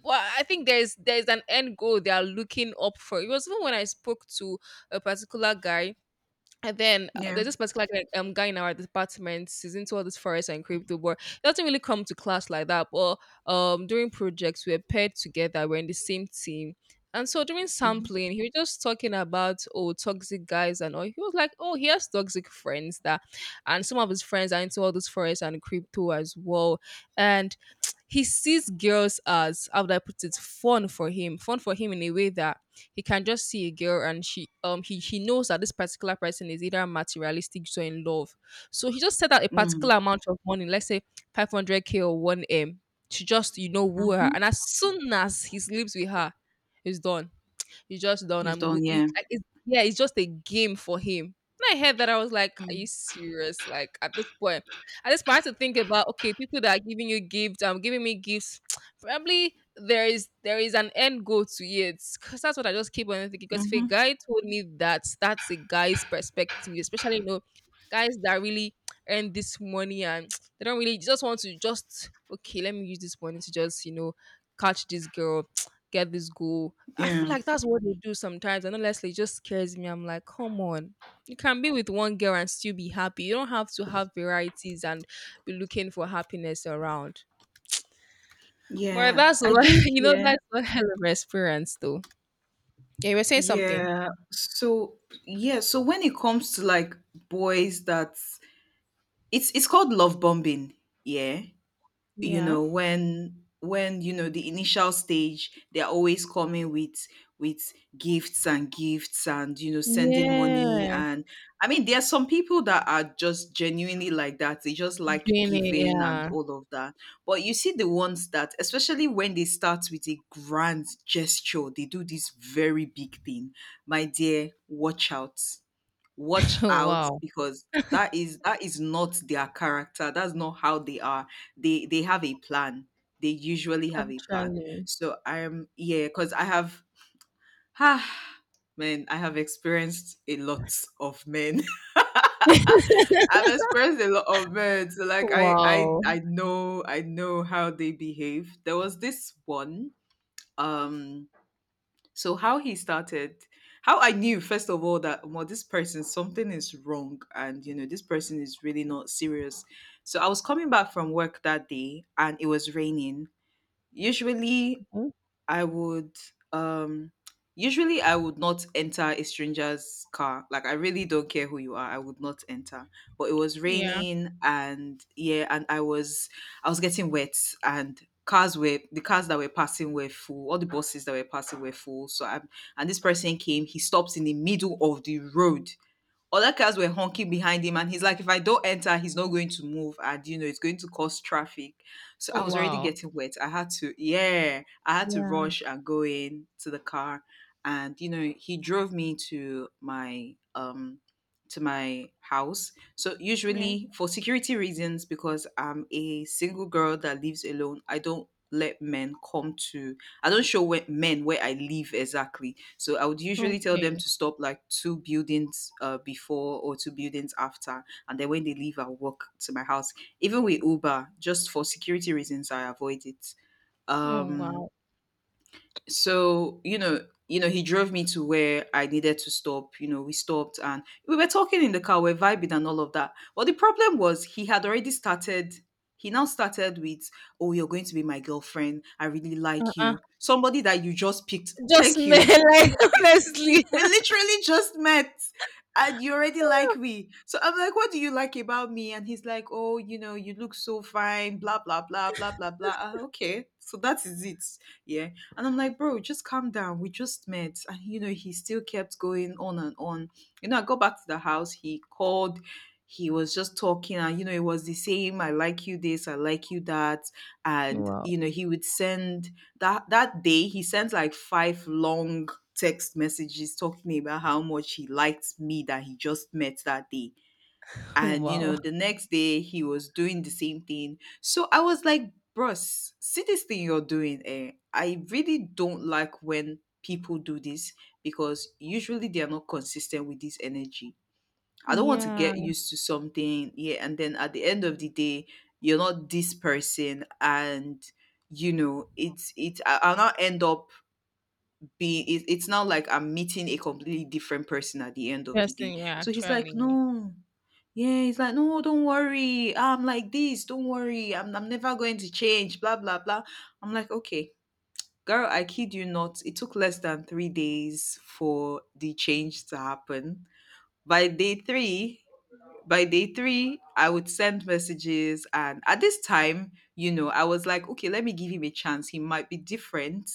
S2: But I think there's an end goal they are looking up for. It was even when I spoke to a particular guy and then
S1: Yeah.
S2: there's this particular guy, guy in our department. He's into all this forest and crypto, but he doesn't really come to class like that. But during projects, we're paired together. We're in the same team. And so during
S1: Mm-hmm.
S2: sampling, he was just talking about oh toxic guys and all. He was like, oh, he has toxic friends that, and some of his friends are into all this forest and crypto as well. And he sees girls as how would I put it, fun for him in a way that he can just see a girl and she he knows that this particular person is either materialistic or in love. So he just set out a particular amount of money, let's say 500k or 1m, to just you know woo her.
S1: Mm-hmm.
S2: And as soon as he sleeps with her, it's done you just done
S1: He's
S2: and move.
S1: done. Yeah.
S2: Yeah, it's just a game for him. When I heard that, I was like, "Are
S1: Mm-hmm.
S2: you serious?" Like at this point, I had to think about okay, people that are giving you gifts, giving me gifts. Probably there is an end goal to it because that's what I just keep on thinking. Because if a
S1: Mm-hmm.
S2: guy told me that, that's a guy's perspective, especially you know, guys that really earn this money and they don't really just want to just okay, let me use this money to just you know catch this girl, get this goal, I feel
S1: Yeah.
S2: like that's what they do sometimes. And honestly, it just scares me. I'm like, come on. You can be with one girl and still be happy. You don't have to have varieties and be looking for happiness around. But
S1: Yeah.
S2: that's
S1: I
S2: what
S1: think.
S2: you know,
S1: Yeah.
S2: that's what hell of an experience though. Yeah, you were saying something.
S1: Yeah. So yeah. So when it comes to like boys, that it's called love bombing. Yeah. you
S2: Yeah.
S1: know when when you know the initial stage, they're always coming with gifts and gifts, and sending money.
S2: Yeah.
S1: And I mean there are some people that are just genuinely like that, they just like
S2: Doing it,
S1: giving and
S2: yeah.
S1: all of that. But you see the ones that, especially when they start with a grand gesture, they do this very big thing. My dear, watch out, watch out,
S2: wow.
S1: because that is not their character. That's not how they are. They have a plan. They usually have a plan.
S2: Actually.
S1: So I'm yeah, because I have ah, man, I have experienced a lot of men. I've experienced a lot of men. So like i i
S2: wow.
S1: i know i know how they behave. There was this one um So how he started, how I knew first of all that, well, this person, something is wrong, and you know this person is really not serious. So I was coming back from work that day, and it was raining. Usually,
S2: Mhm.
S1: I would um usually I would not enter a stranger's car. Like I really don't care who you are. I would not enter. But it was
S2: Yeah.
S1: raining, and yeah, and I was getting wet. And cars were the cars that were passing were full. All the buses that were passing were full. So I and this person came. He stopped in the middle of the road, other cars were honking behind him, and he's like, if I don't enter, he's not going to move, and you know, it's going to cause traffic. So I was already
S2: Wow.
S1: getting wet. I had to, yeah, I had to
S2: Yeah.
S1: rush and go in to the car, and you know, he drove me to my house. So
S2: Yeah.
S1: usually for security reasons, because I'm a single girl that lives alone, I don't let men come to, I don't show where, men where I live exactly. So I would usually tell them
S2: Okay.
S1: to stop like two buildings before or two buildings after. And then when they leave, I'll walk to my house. Even with Uber, just for security reasons, I avoid it.
S2: Oh
S1: Um,
S2: wow.
S1: so he drove me to where I needed to stop. We stopped and we were talking in the car, we're vibing and all of that. But the problem was he had already started. He now started with, oh, you're going to be my girlfriend, I really like
S2: Uh-uh.
S1: you, somebody that you just picked.
S2: Just
S1: Thank
S2: me
S1: you. So
S2: like
S1: we,
S2: honestly.
S1: we literally just met, and you already like me. So I'm like, what do you like about me? And he's like, oh, you know, you look so fine, blah blah blah blah blah blah. Ah, okay, so that is it. Yeah. And I'm like, bro, just calm down. We just met. And, you know, he still kept going on and on. You know, I got back to the house. He called. He was just talking. And, you know, it was the same, I like you this, I like you that. And,
S2: Wow.
S1: you know, he would send that, that day, he sent like five long text messages talking about how much he liked me that he just met that day. And you know,
S2: Wow.
S1: the next day he was doing the same thing. So I was like, bros, see this thing you're doing, eh? I really don't like when people do this, because usually they are not consistent with this energy. I don't want to
S2: Yeah.
S1: get used to something, yeah, and then at the end of the day, you're not this person. And you know, I'll not end up, be it, it's now like I'm meeting a completely different person at the end of the day.
S2: Person, yeah,
S1: So he's like,
S2: actually.
S1: no, yeah, he's like, no, don't worry, I'm like this, don't worry, I'm never going to change, blah blah blah. I'm like, okay. Girl, I kid you not, it took less than 3 days for the change to happen. By day three, by day three, I would send messages. And at this time, you know, I was like, okay, let me give him a chance. He might be different.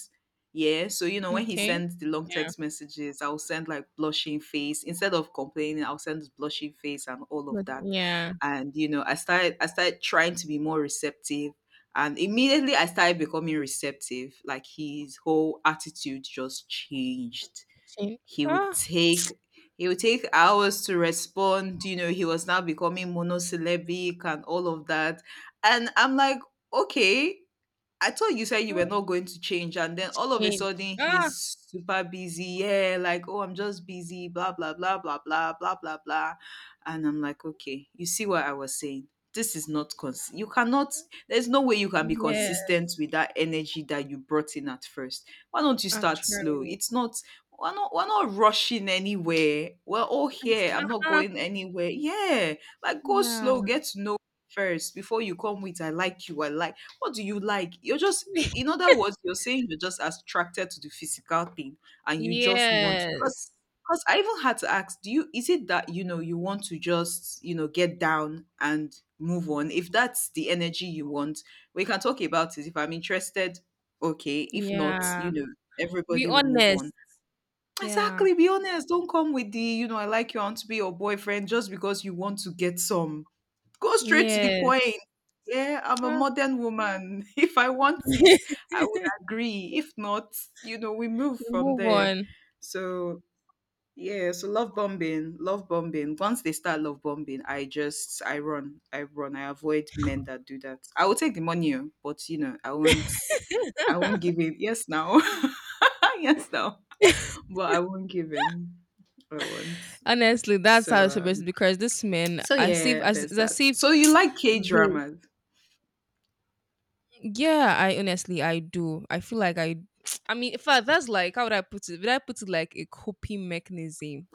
S1: Yeah. So, you know, when he
S2: Okay.
S1: sends the long
S2: Yeah.
S1: text messages, I'll send like blushing face. Instead of complaining, I'll send blushing face and all of
S2: But
S1: that.
S2: yeah.
S1: And, you know, I started trying to be more receptive. And immediately I started becoming receptive. Like his whole attitude just changed.
S2: Change.
S1: he would
S2: Ah,
S1: take he would take hours to respond. You know, he was now becoming monosyllabic and all of that. And I'm like, okay, I thought you said you were
S2: ah,
S1: not going to change, and then
S2: it's
S1: all of a
S2: change.
S1: sudden
S2: Ah,
S1: he's super busy. Yeah, like, oh, I'm just busy, blah, blah, blah, blah, blah, blah, blah, blah. And I'm like, okay, you see what I was saying? This is not, you cannot, there's no way you can be consistent
S2: yes.
S1: with that energy that you brought in at first. Why don't you start slow?
S2: Actually.
S1: It's not, we're not rushing anywhere. We're all
S2: Ex-
S1: here. I'm not
S2: ah,
S1: going anywhere. Yeah, like go
S2: Yeah.
S1: slow, get to know first before you come with, I like you, I like, what do you like? You're just, in other words, you're saying you're just attracted to the physical thing and you just want to. Because,
S2: Yes.
S1: I even had to ask, do you, is it that, you know, you want to just, you know, get down and move on? If that's the energy you want, we can talk about it. If I'm interested, okay. If not,
S2: Yeah.
S1: you know,
S2: Be
S1: everybody will move on.
S2: honest. Yeah.
S1: Exactly. Be honest. Don't come with the, you know, I like you, I want to be your boyfriend just because you want to get some. Go straight to the
S2: Yes.
S1: point. Yeah, I'm a
S2: Ah.
S1: modern woman. If I want it, I would agree. If not, you know, we move
S2: you
S1: from
S2: move
S1: there.
S2: on.
S1: So yeah, so love bombing, love bombing. Once they start love bombing, I run, I run, I avoid men that do that. I will take the money, oh, but you know, I won't give in. Yes, now, yes, now, but I won't give in. I won't.
S2: Honestly, that's how
S1: So
S2: it's supposed to
S1: um,
S2: be. Because this men,
S1: so yeah, there's
S2: as
S1: that.
S2: if
S1: So you like K
S2: they
S1: dramas?
S2: Yeah, I honestly I do. I feel like I I mean, in fact, that's like how would I put it? Would I put it like a coping mechanism?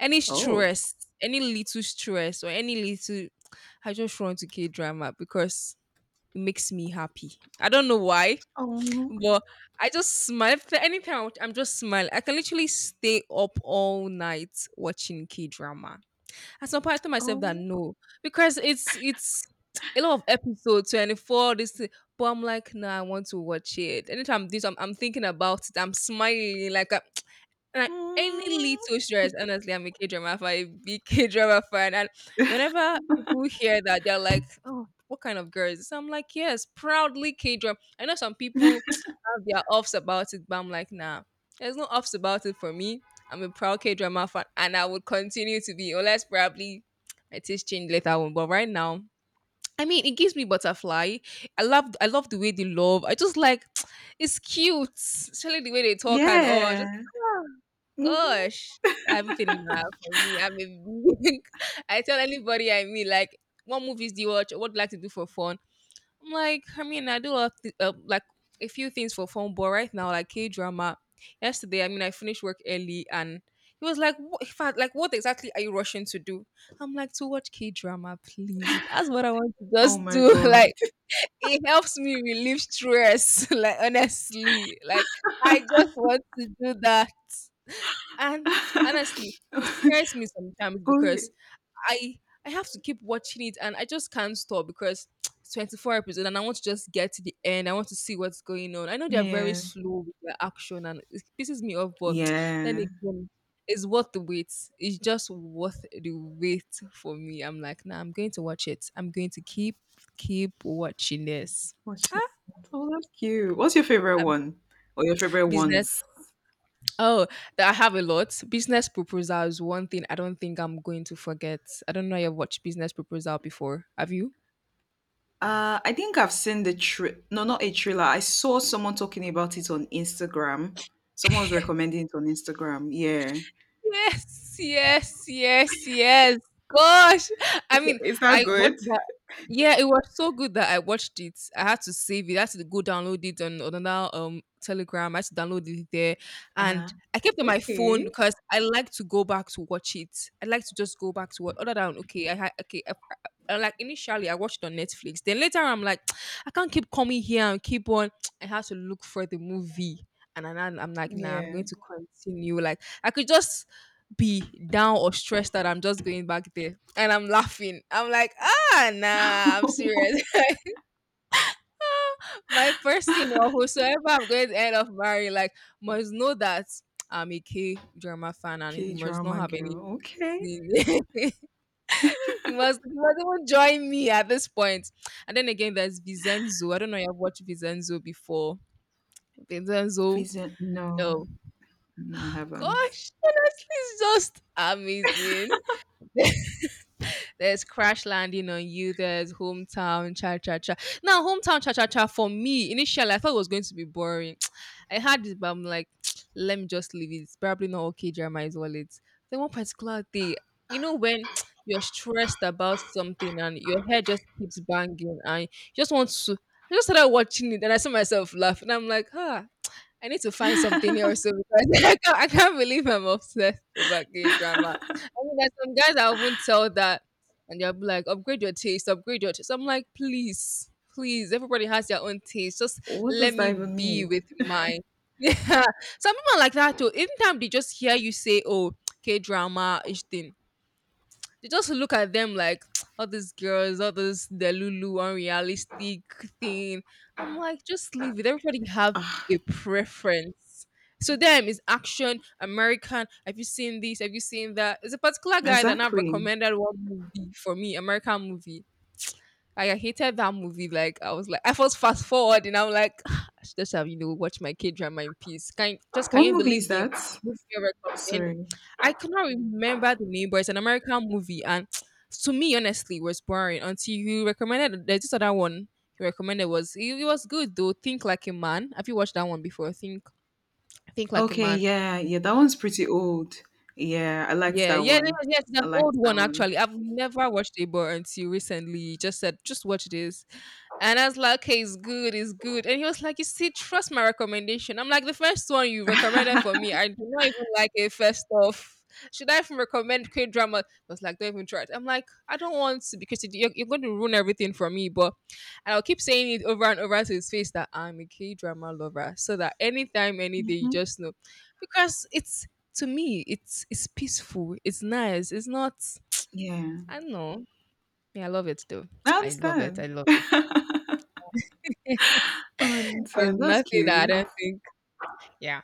S2: Any
S1: Oh.
S2: stress, any little stress or any little I just run to K drama because it makes me happy. I don't know why,
S1: Oh,
S2: but I just smile. If anytime I'm just smiling. I can literally stay up all night watching K drama. At some point, I told myself that
S1: oh,
S2: no, because it's a lot of episodes, 24. This, thing. But I'm like, no, I want to watch it. Anytime this, I'm thinking about it. I'm smiling like I and I, any
S1: mm,
S2: little stress, honestly, I'm a K drama fan, a big K drama fan. And whenever people hear that, they're like, oh, what kind of girl is this? I'm like, yes, proudly K drama. I know some people have their offs about it, but I'm like, nah, there's no offs about it for me. I'm a proud K drama fan, and I would continue to be, unless probably my taste change later on. But right now, I mean, it gives me butterfly. I love the way they love. I just like, it's cute, especially the way they talk and oh, I just,
S1: yeah.
S2: ah,
S1: Mhm.
S2: gosh, everything now for me. I'm a, I tell anybody I mean, like, what movies do you watch? What do you like to do for fun? Like, I mean, I do love like a few things for fun, but right now, like K drama. Yesterday, I mean, I finished work early, and he was like, "What? In fact, like, what exactly are you rushing to do?" I'm like, "To watch K drama, please. That's what I want to
S1: Oh
S2: just
S1: my
S2: do.
S1: god.
S2: Like, it helps me relieve stress." Like, honestly, like, I just want to do that. And honestly, it scares me sometimes
S1: Oh,
S2: because I I have to keep watching it and I just can't stop because it's 24 episodes and I want to just get to the end. I want to see what's going on. I know they're very
S1: yeah.
S2: slow with their action and it pisses me off, but then
S1: Yeah.
S2: again, it's worth the wait. It's just worth the wait for me. I'm like, nah, I'm going to watch it. I'm going to keep watching this.
S1: What's that?
S2: Ah,
S1: Oh, that's cute. What's your favorite
S2: I'm-
S1: one or your favorite
S2: business.
S1: ones?
S2: Oh, that I have a lot. Business Proposal is one thing I don't think I'm going to forget. I don't know if you've watched Business Proposal before. Have you?
S1: I think I've seen the thr no, not a thriller. I saw someone talking about it on Instagram. Someone was recommending it on Instagram. Yeah.
S2: Yes, yes, yes, yes. Gosh. I mean,
S1: Is that
S2: I
S1: good?
S2: watched that. Yeah, it was so good that I watched it. I had to save it. I had to go download it on another Telegram. I had to download it there.
S1: Ah.
S2: And I kept it on my phone
S1: Okay.
S2: because I like to go back to watch it. I like to just go back to what other than okay, I had okay like initially I watched on Netflix. Then later I'm like, I can't keep coming here and keep on. I have to look for the movie, and then I'm like, nah, I'm
S1: Yeah.
S2: going to continue. Like I could just be down or stressed that I'm just going back there, and I'm laughing. I'm like, ah, nah, I'm serious. My person or whosoever I'm going to end up marrying, like, must know that I'm a K drama fan, and he
S1: K
S2: must not
S1: drama
S2: have any
S1: girl. Okay.
S2: reason. He must. He must even join me at this point. And then again, there's Vincenzo. I don't know if you've watched Vincenzo before. Vincenzo.
S1: Vision. No,
S2: Oh
S1: no, I haven't.
S2: gosh, honestly, it's just amazing. There's Crash Landing on You. There's Hometown Cha Cha Cha. Now, Hometown Cha Cha Cha, for me, initially, I thought it was going to be boring. I had it, but I'm like, let me just leave it. It's probably not okay, Jeremiah's wallet. Then one particular day, you know, when you're stressed about something and your head just keeps banging and you just want to. I just started watching it and I saw myself laughing. I'm like, ah, I need to find something else so because I can't believe I'm obsessed over gay drama. I mean, there's some guys I won't tell that, and they'll be like, upgrade your taste, upgrade your taste. I'm like, please, everybody has their own taste. Just
S1: What
S2: let
S1: does that
S2: me
S1: even
S2: be
S1: mean?
S2: with mine. Yeah, some people are like that too. Anytime they just hear you say, oh, K drama, each thing, they just look at them like all these girls, all this delulu unrealistic thing. I'm like, just leave it. Everybody have
S1: Ah,
S2: a preference. So them is action American. Have you seen this? Have you seen that? There's a particular guy that I've
S1: exactly.
S2: recommended one movie for me, American movie. Like, I hated that movie. Like I was fast forward, and I'm like, I should just have you know watch my K drama in peace. Can just can
S1: What
S2: you
S1: movie
S2: believe
S1: is
S2: the
S1: that?
S2: movie you recommend?
S1: Sorry.
S2: I could not remember the name, but it's an American movie, and to me, honestly, it was boring until you recommended. There's this other one you recommended was it, it was good though. Think Like a Man. Have you watched that one before? Think Like a
S1: Okay,
S2: Man.
S1: yeah, yeah, that one's pretty old. Yeah, I liked
S2: Yeah,
S1: that
S2: yeah, no,
S1: one.
S2: yes, it's
S1: I
S2: an old
S1: liked that
S2: one
S1: one.
S2: actually. I've never watched Abor until recently. He just said, just watch this. And I was like, okay, it's good, it's good. And he was like, you see, trust my recommendation. I'm like, the first one you recommended for me, I do not even like it first off. Should I even recommend K drama? I was like, don't even try it. I'm like, I don't want to because it- you're going to ruin everything for me. But and I'll keep saying it over and over to his face that I'm a K drama lover, so that anytime, any day, you
S1: hmm
S2: just know because it's to me, it's peaceful. It's nice. It's not.
S1: Yeah,
S2: I don't know. Yeah, I love it though.
S1: I
S2: I love it. I
S1: understand.
S2: love it.
S1: and
S2: There's
S1: uh, that's
S2: nothing that
S1: cute.
S2: I don't think. Yeah.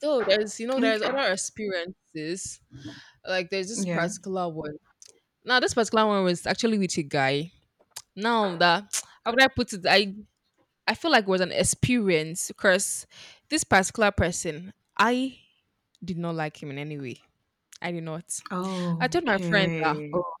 S2: Though there's you know there's
S1: Okay.
S2: other experiences. Like there's this
S1: Yeah.
S2: particular one. Now this particular one was actually with a guy. Now that how would I put it? I feel like it was an experience because this particular person, I did not like him in any way. I did not. I told my friend that
S1: Okay.
S2: oh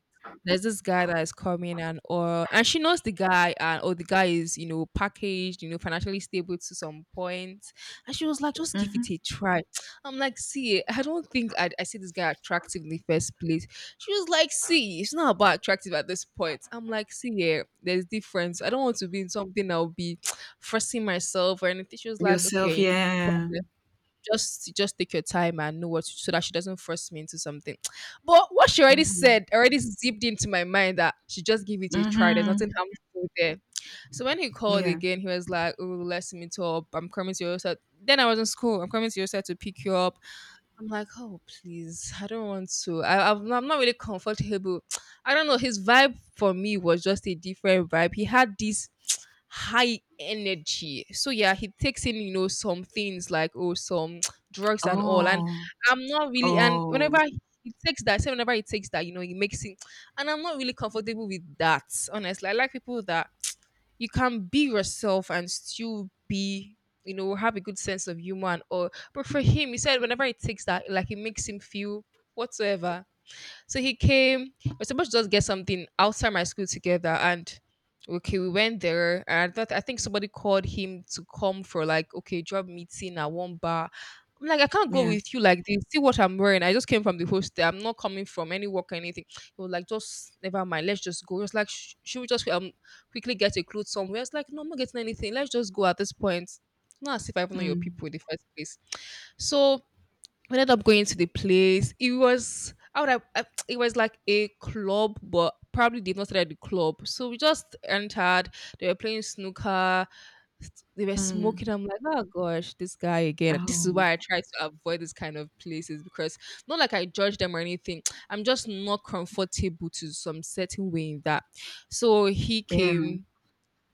S2: there's this guy that is coming and or and she knows the guy and or the guy is you know packaged you know financially stable to some point, and she was like just give
S1: Mm-hmm.
S2: it a try. I'm like see I don't think I see this guy attractive in the first place. She was like see it's not about attractive. At this point I'm like see yeah there's difference, I don't want to be in something I'll be forcing myself or anything. She was like
S1: Yourself,
S2: okay no
S1: yeah.
S2: problem, just take your time and know what so that she doesn't force me into something. But what she already
S1: Mm-hmm.
S2: said already zipped into my mind that she just give it a try. There's nothing
S1: Mm-hmm.
S2: harmful there. So when he called
S1: Yeah.
S2: again, he was like, "Oh, let's meet up. I'm coming to your side." Then I was in school. "I'm coming to your side to pick you up." I'm like, oh please, I don't want to. I, I'm not really comfortable. I don't know. His vibe for me was just a different vibe. He had this high energy. So yeah, he takes in, you know, some things like oh some drugs and all. And
S1: Oh.
S2: I'm not really and
S1: Oh,
S2: whenever he takes that, say whenever he takes that, you know, he makes it and I'm not really comfortable with that, honestly. I like people that you can be yourself and still be you know, have a good sense of humor and all. But for him, he said whenever he takes that, like it makes him feel whatsoever, so he came. We're supposed to just get something outside my school together, and okay, we went there. And I think somebody called him to come for like okay job meeting at one bar. I'm like, I can't go
S1: yeah.
S2: with you like this. See what I'm wearing. I just came from the hostel. I'm not coming from any work or anything. He was like, just never mind. Let's just go. Just like should we just quickly get a clothes somewhere? It's like no, I'm not getting anything. Let's just go at this point. It's not as if I even know your
S1: Mm,
S2: people in the first place. So we ended up going to the place. It was I would have, I- it was like a club, but probably they've not started the club. So we just entered. They were playing snooker. They were
S1: mm.
S2: smoking. I'm like, oh gosh, this guy again. This is why I
S1: Oh,
S2: try to avoid this kind of places because not like I judge them or anything. I'm just not comfortable to some certain way in that. So he
S1: yeah,
S2: came,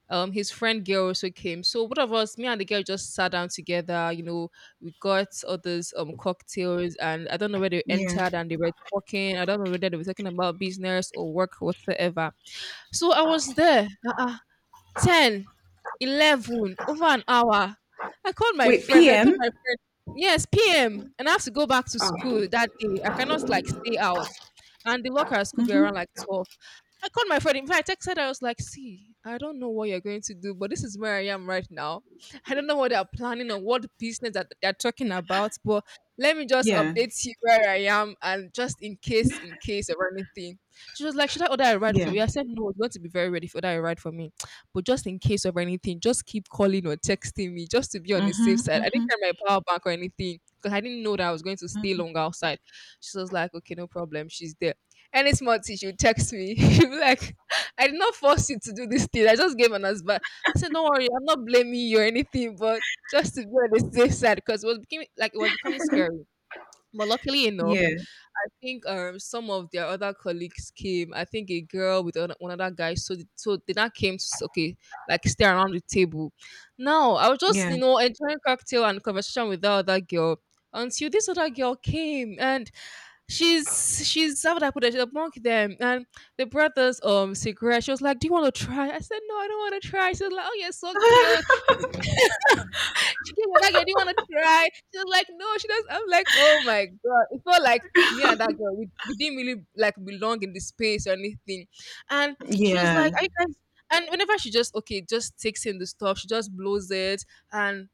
S2: his friend girl also came, so both of us, me and the girl, just sat down together. We got all those cocktails, and I don't know where they
S1: yeah.
S2: entered, and they were talking. I don't know whether they were talking about business or work whatsoever. So I was there, 10, 11, over an hour. I called my
S1: Wait,
S2: friend, I told
S1: p.m.?
S2: my friend. Yes, PM. And I have to go back to
S1: Oh,
S2: school that day, I cannot like stay out. And the locker at school get around
S1: mm-hmm.
S2: like 12. I called my friend. In fact, I texted her. I was like, "See, I don't know what you're going to do, but this is where I am right now. I don't know what they're planning or what business that they're talking about, but let me just
S1: Yeah,
S2: update you where I am, and just in case of anything." She was like, "Should I order a ride
S1: yeah.
S2: for you?" I said, "No, it's going to be very ready if you order a ride for me, but just in case of anything, just keep calling or texting me just to be on the
S1: Mm-hmm,
S2: safe side. I
S1: mm-hmm,
S2: didn't carry my power bank or anything." Because I didn't know that I was going to stay
S1: mm-hmm.
S2: long outside. She was like, okay, no problem. She's there. Any small thing she would text me. She'll be like, I did not force you to do this thing. I just gave an advice. I said, don't worry, I'm not blaming you or anything, but just to be on the safe side, because it was becoming like it was becoming scary. But luckily enough,
S1: Yeah,
S2: I think some of their other colleagues came. I think a girl with one other guy. So the, so they now came to okay, like stay around the table. Now I was just,
S1: yeah.
S2: you know, enjoying cocktail and conversation with that other girl until this other girl came, and she's, how would I put it? She's among them, and the brothers, cigarette. She was like, "Do you want to try?" I said, "No, I don't want to try." She was like, "Oh, you're so cute." She came with that girl, didn't want to try. She was like, no, she does. I'm like, oh my god, it felt like me and that girl, we didn't really like belong in the space or anything. And she was
S1: Yeah,
S2: like, are you guys? And whenever she just okay, just takes in the stuff, she just blows it, and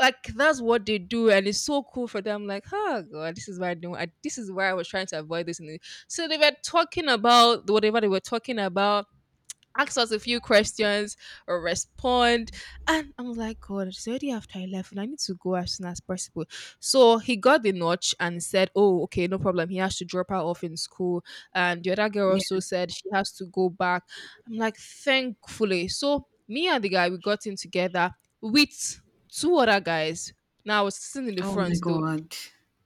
S2: like that's what they do, and it's so cool for them. Like, oh god, this is why I don't. This is why I was trying to avoid this. And so they were talking about whatever they were talking about, ask us a few questions or respond. And I am like, God, it's already after 11. I need to go as soon as possible. So he got the notch and said, oh, okay, no problem. He has to drop her off in school. And the other girl also
S1: yeah.
S2: said she has to go back. I'm like, thankfully. So me and the guy, we got in together with two other guys. Now I was sitting in the
S1: Oh my
S2: front though.
S1: God.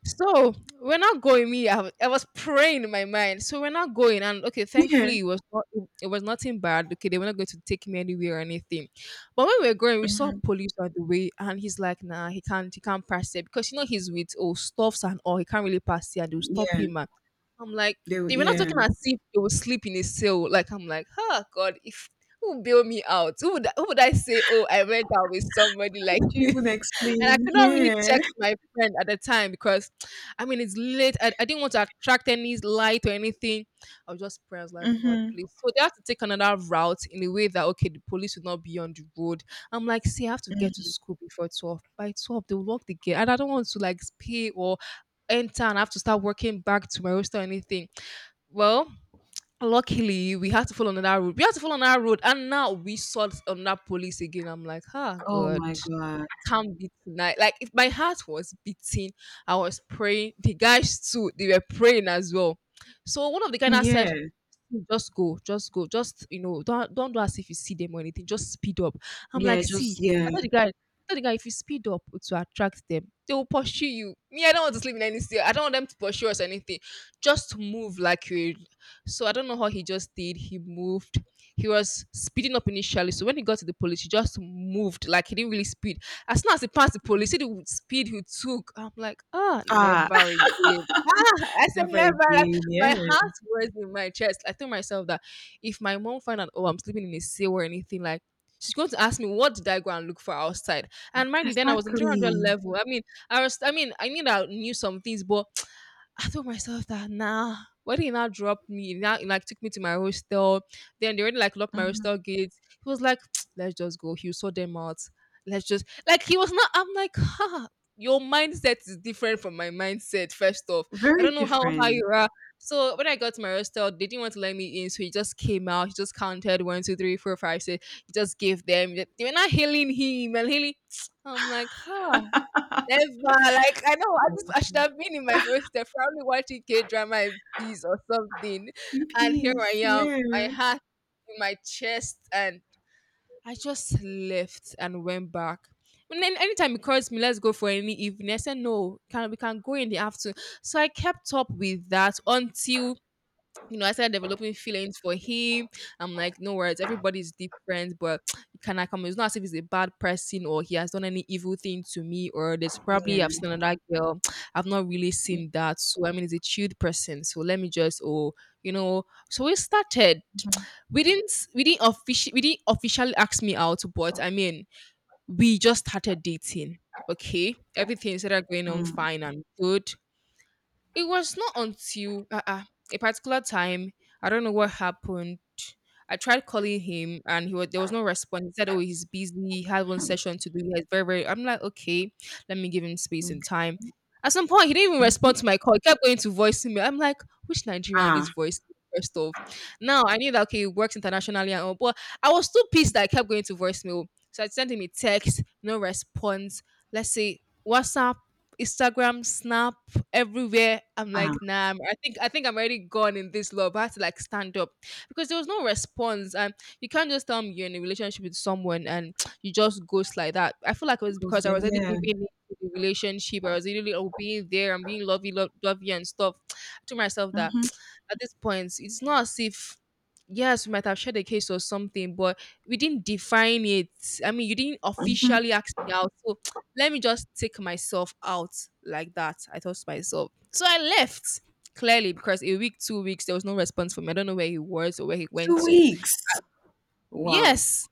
S2: So we're not going. Me, I was praying in my mind. So we're not going. And okay,
S1: Yeah.
S2: thankfully it was not. It was nothing bad. Okay, they were not going to take me anywhere or anything. But when we were going, we saw
S1: Mm-hmm.
S2: police on the way, and he's like, "Nah, he can't. He can't pass it because you know he's with oh stuffs and all. He can't really pass here. They'll stop
S1: Yeah.
S2: him." And I'm like, they were not
S1: Yeah.
S2: talking as if they will sleep in a cell. Like I'm like, oh God, if who will bail me out? Who would, who would I say? Oh, I went out with somebody
S1: How
S2: like.
S1: would you even
S2: And I
S1: explain?
S2: could not really
S1: Yeah.
S2: text my friend at the time because, I mean, it's late. I didn't want to attract any light or anything. I was just praying. I was like, God,
S1: Mm-hmm.
S2: please. So they have to take another route in a way that, okay, the police would not be on the road. I'm like, see, I have to get to school before 12. By 12, they'll lock the gate. And I don't want to like pay or enter and have to start working back to my hostel or anything. Well, luckily we had to follow another road. We had to follow another road, and now we saw another police again. I'm like, ah,
S1: Oh
S2: God
S1: my God.
S2: can't be tonight. Like if my heart was beating, I was praying. The guys too, they were praying as well. So one of the guys now said,
S1: Yeah.
S2: just go, just go, just you know, don't do as if you see them or anything. Just speed up." I'm
S1: Yeah.
S2: like, "See,
S1: Just yeah.
S2: I told the guy, if you speed up to attract them, they will pursue you. Me, I don't want to sleep in any city. I don't want them to pursue us or anything. Just move like you." So I don't know how he just did. He moved. He was speeding up initially. So when he got to the police, he just moved like he didn't really speed. As soon as he passed the police, see the speed he took. I'm like, ah,
S1: Ah.
S2: never again. Ah, I said
S1: Never
S2: never,
S1: again. Yeah.
S2: my heart was in my chest. I told myself that if my mom find out, oh, I'm sleeping in a cell or anything, like she's going to ask me what did I go and look for outside. And mind you, then I was in 300
S1: Exactly.
S2: level. I mean, I was. I mean, I knew some things, but I told myself that nah. When he now dropped me, he now like took me to my hostel. Then they already like locked my
S1: Mm-hmm.
S2: hostel gates. He was like, let's just go. He saw them out. Let's just like he was not. I'm like, huh. Your mindset is different from my mindset. First off, I
S1: Very
S2: don't know how high you
S1: different.
S2: are. So when I got to my hostel, they didn't want to let me in. So he just came out. He just counted one, two, three, four, five, six. He just gave them. They were not hailing him and hailing. I'm like, huh. Never. Like I know I should have been in my hostel probably watching K drama and bees or something.
S1: In
S2: And here I
S1: peace,
S2: am, my
S1: yeah.
S2: heart in my chest, and I just left and went back. And then anytime he calls me, let's go for any evening. I said no, can we can go in the afternoon. So I kept up with that until you know, I started developing feelings for him. I'm like, no worries, everybody's different, but you cannot come. It's not as if he's a bad person or he has done any evil thing to me, or there's probably I've
S1: Yeah.
S2: seen another girl. I've not really
S1: Mhm.
S2: seen that. So I mean he's a chilled person. So let me just oh, you know. So we started. We didn't officially ask me out, but I mean we just started dating. Okay. Everything started going on
S1: Mm,
S2: fine and good. It was not until a particular time, I don't know what happened. I tried calling him and he was, there was no response. He said, oh, he's busy. He had one
S1: hmm,
S2: session to do. He has very, very. I'm like, okay, let me give him
S1: mm,
S2: space and time. At some point, he didn't even
S1: mhm.
S2: respond to my call. He kept going to voicemail. I'm like, which Nigerian
S1: Ah,
S2: use voice? First off, now I knew that okay, it works internationally and all, but I was too pissed that I kept going to voicemail. So I sent him a text, no response. Let's say WhatsApp, Instagram, Snap, everywhere. I'm
S1: ah,
S2: like, nah, I think I'm already gone in this love. I had to like stand up because there was no response. And you can't just tell me you're in a relationship with someone and you just ghost like that. I feel like it was because I
S1: Muslim,
S2: was already
S1: yeah.
S2: giving in to the relationship. I was really oh, being there and being lovey and stuff. I told myself that
S1: Mhm,
S2: at this point, it's not as if yes, we might have shared a case or something, but we didn't define it. I mean, you didn't
S1: mhm.
S2: officially ask me out. So let me just take myself out like that, I thought to myself. So I left clearly because a week, 2 weeks, there was no response from me. I don't know where he was or where he went
S1: 2
S2: to.
S1: weeks. Wow.
S2: Yes,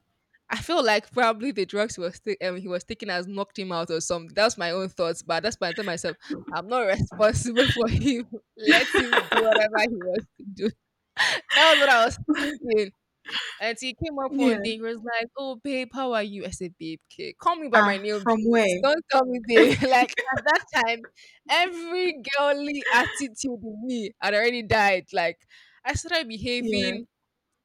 S2: I feel like probably the drugs he was he was taking has knocked him out or something. That's my own thoughts, but that's why I told myself I'm not responsible for him. Let him do whatever he wants to do. That was what I was thinking. And he came up
S1: Yeah.
S2: one day, he was like, "Oh, babe, how are you?" I said, "Babe, okay, call me by my
S1: Ah,
S2: name,
S1: from
S2: please.
S1: where?
S2: Don't call me babe." Like at that time, every girly attitude in me had already died. Like I started
S1: Yeah.
S2: behaving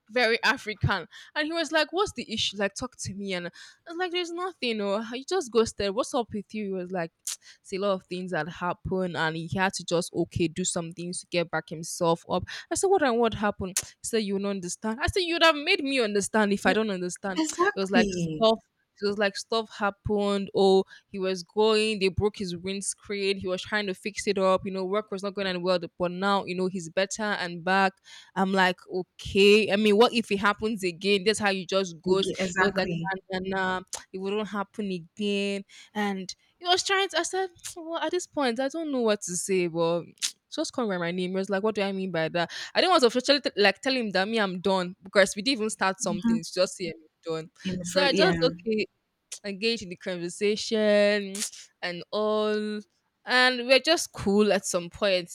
S2: very African. And he was like, "What's the issue? Like, talk to me." And I was like, "There's nothing. Or you just ghosted. What's up with you?" He was like, "See, a lot of things that happened." And he had to just, okay, do some things to get back himself up. I said, "What and what happened?" He said, "You don't understand." I said, "You'd have made me understand if I don't understand." It was like,
S1: Exactly.
S2: stuff. It was like stuff happened. Oh, he was going. They broke his windscreen. He was trying to fix it up. You know, work was not going on well. But now, you know, he's better and back. I'm like, okay. I mean, what if it happens again? That's how you just goes. It was like,
S1: Exactly.
S2: nah, nah, nah. It wouldn't happen again. And he was trying to, I said, well, at this point, I don't know what to say, but just call me my name. He was like, what do I mean by that? I didn't want to officially like tell him that me, I'm done because we didn't even start something.
S1: Mhm.
S2: It's just him done.
S1: In the
S2: So
S1: first,
S2: I
S1: yeah.
S2: just, okay, engage in the conversation and all. And we're just cool at some point.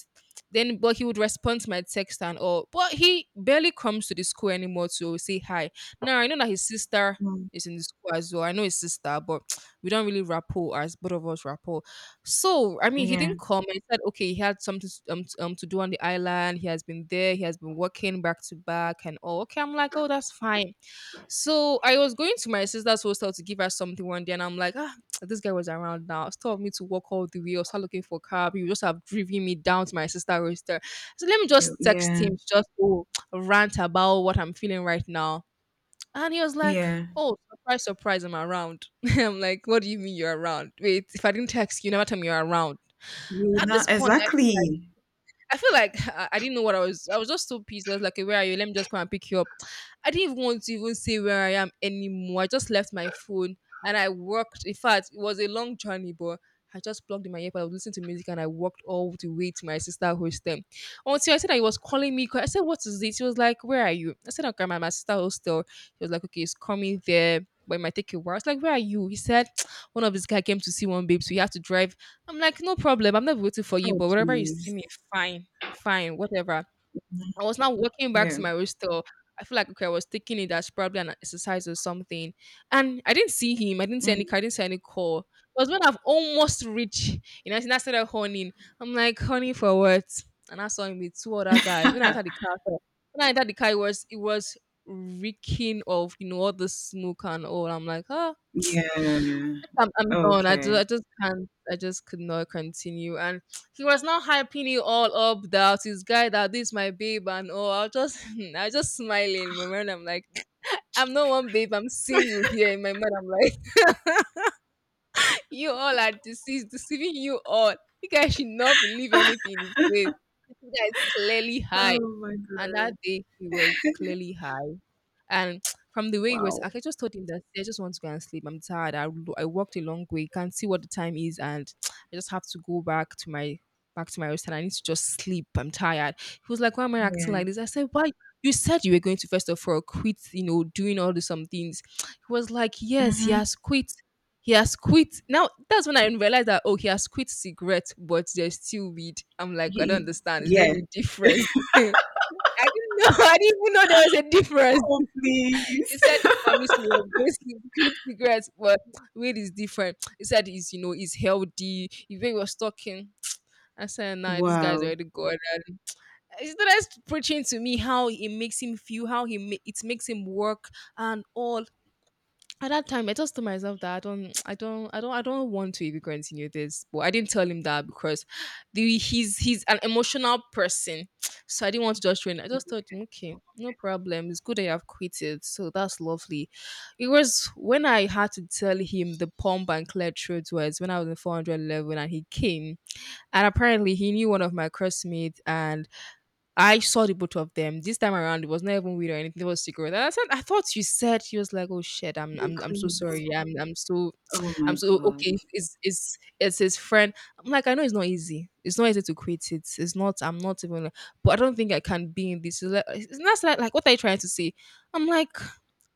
S2: Then, but he would respond to my text and all. But he barely comes to the school anymore to say hi. Now, I know that his sister
S1: Mm,
S2: is in the school as well. I know his sister, but we don't really rapport as both of us rapport. So, I mean, he
S1: yeah.
S2: didn't come and said, okay, he had something to do on the island. He has been there. He has been working back to back and all. Okay, I'm like, oh, that's fine. So I was going to my sister's hostel to give her something one day, and I'm like, ah, this guy was around now. Instead of me to walk all the way or start looking for a cab, he would just have driven me down to my sister's hostel. So let me
S1: So,
S2: just text
S1: yeah.
S2: him, to just oh, rant about what I'm feeling right now. And he was like,
S1: Yeah.
S2: oh, surprise, surprise, I'm around. I'm like, what do you mean you're around? Wait, if I didn't text you, never tell me you're around.
S1: You would
S2: At this
S1: not,
S2: point,
S1: exactly.
S2: I feel like I didn't know what I was. I was just so pissed. I was like, "Okay, where are you? Let me just come and pick you up." I didn't even want to even say where I am anymore. I just left my phone and I walked. In fact, it was a long journey, but I just plugged in my earpod. I was listening to music and I walked all the way to my sister hostel. Until I said that he was calling me. 'Cause I said, "What is this?" He was like, "Where are you?" I said, "Okay, I'm at my sister hostel." He was like, "Okay, it's coming there. But it might take a while." I was like, "Where are you?" He said, one of this guy came to see one babe, so he had to drive. I'm like, no problem. I'm not waiting for you,
S1: Oh,
S2: but whatever, you see
S1: please.
S2: me, fine, fine, whatever. I was now walking back to
S1: Yeah.
S2: my hostel. I feel like okay, I was taking it as probably an exercise or something. And I didn't see him. I didn't see
S1: Mm,
S2: any car, I didn't see any call. It was when I've almost reached, you know, and I started honing. I'm like, honey, for what? And I saw him with two other guys. When I entered the car, it was reeking of, you know, all the smoke and all. I'm like, ah,
S1: yeah.
S2: I'm done.
S1: Okay.
S2: I just can't. I just could not continue. And he was not hyping it all up that his guy, that this my babe, and all. I was just, I was just smiling. In my mind, I'm like, I'm not one babe. I'm single here. In my mind, I'm like, you all are deceived, deceiving you all. You guys should not believe anything he says. This guy is clearly high.
S1: Oh my
S2: And that
S1: God.
S2: day he was clearly high. And from the way he was, I
S1: Wow.
S2: just told him that, "See, I just want to go and sleep. I'm tired. I, I walked a long way. Can't see what the time is, and I just have to go back to my restaurant. I need to just sleep. I'm tired." He was like, "Why am I acting
S1: Yeah.
S2: like this?" I said, "Why? You said you were going to first of all quit. You know, doing all the some things." He was like, "Yes, he
S1: Mhm.
S2: has quit." He has quit. Now that's when I realized that oh, he has quit cigarette, but there's still weed. I'm like, I don't
S1: You
S2: understand. Is there
S1: yeah.
S2: any difference? I didn't know. I didn't even know there was a difference.
S1: Oh, please.
S2: He said he promised me he was going to quit cigarettes, but weed is different. He said it's, you know, it's healthy. Even he really was talking, I said, "Nah, this guy's
S1: Wow,
S2: already gone." He started preaching to me how it makes him feel, how it makes him work and all. At that time, I just told myself that I don't want to even continue this. But I didn't tell him that because the he's an emotional person, so I didn't want to just train. I just told him, okay, no problem. It's good that you have quit it, so that's lovely. It was when I had to tell him the pump and clear truth was when I was in 400 level and he came, and apparently he knew one of my classmates and I saw the both of them. This time around, it was not even weird or anything. It was secret. And I said, "I thought you said." She was like, "Oh shit,
S1: you
S2: I'm so
S1: quit.
S2: sorry. I'm so,
S1: Oh my
S2: I'm so,
S1: God.
S2: okay. It's his friend." I'm like, I know it's not easy. It's not easy to quit it. It's not. I'm not even. But I don't think I can be in this. He's like, it's not like, like what are you trying to say? I'm like,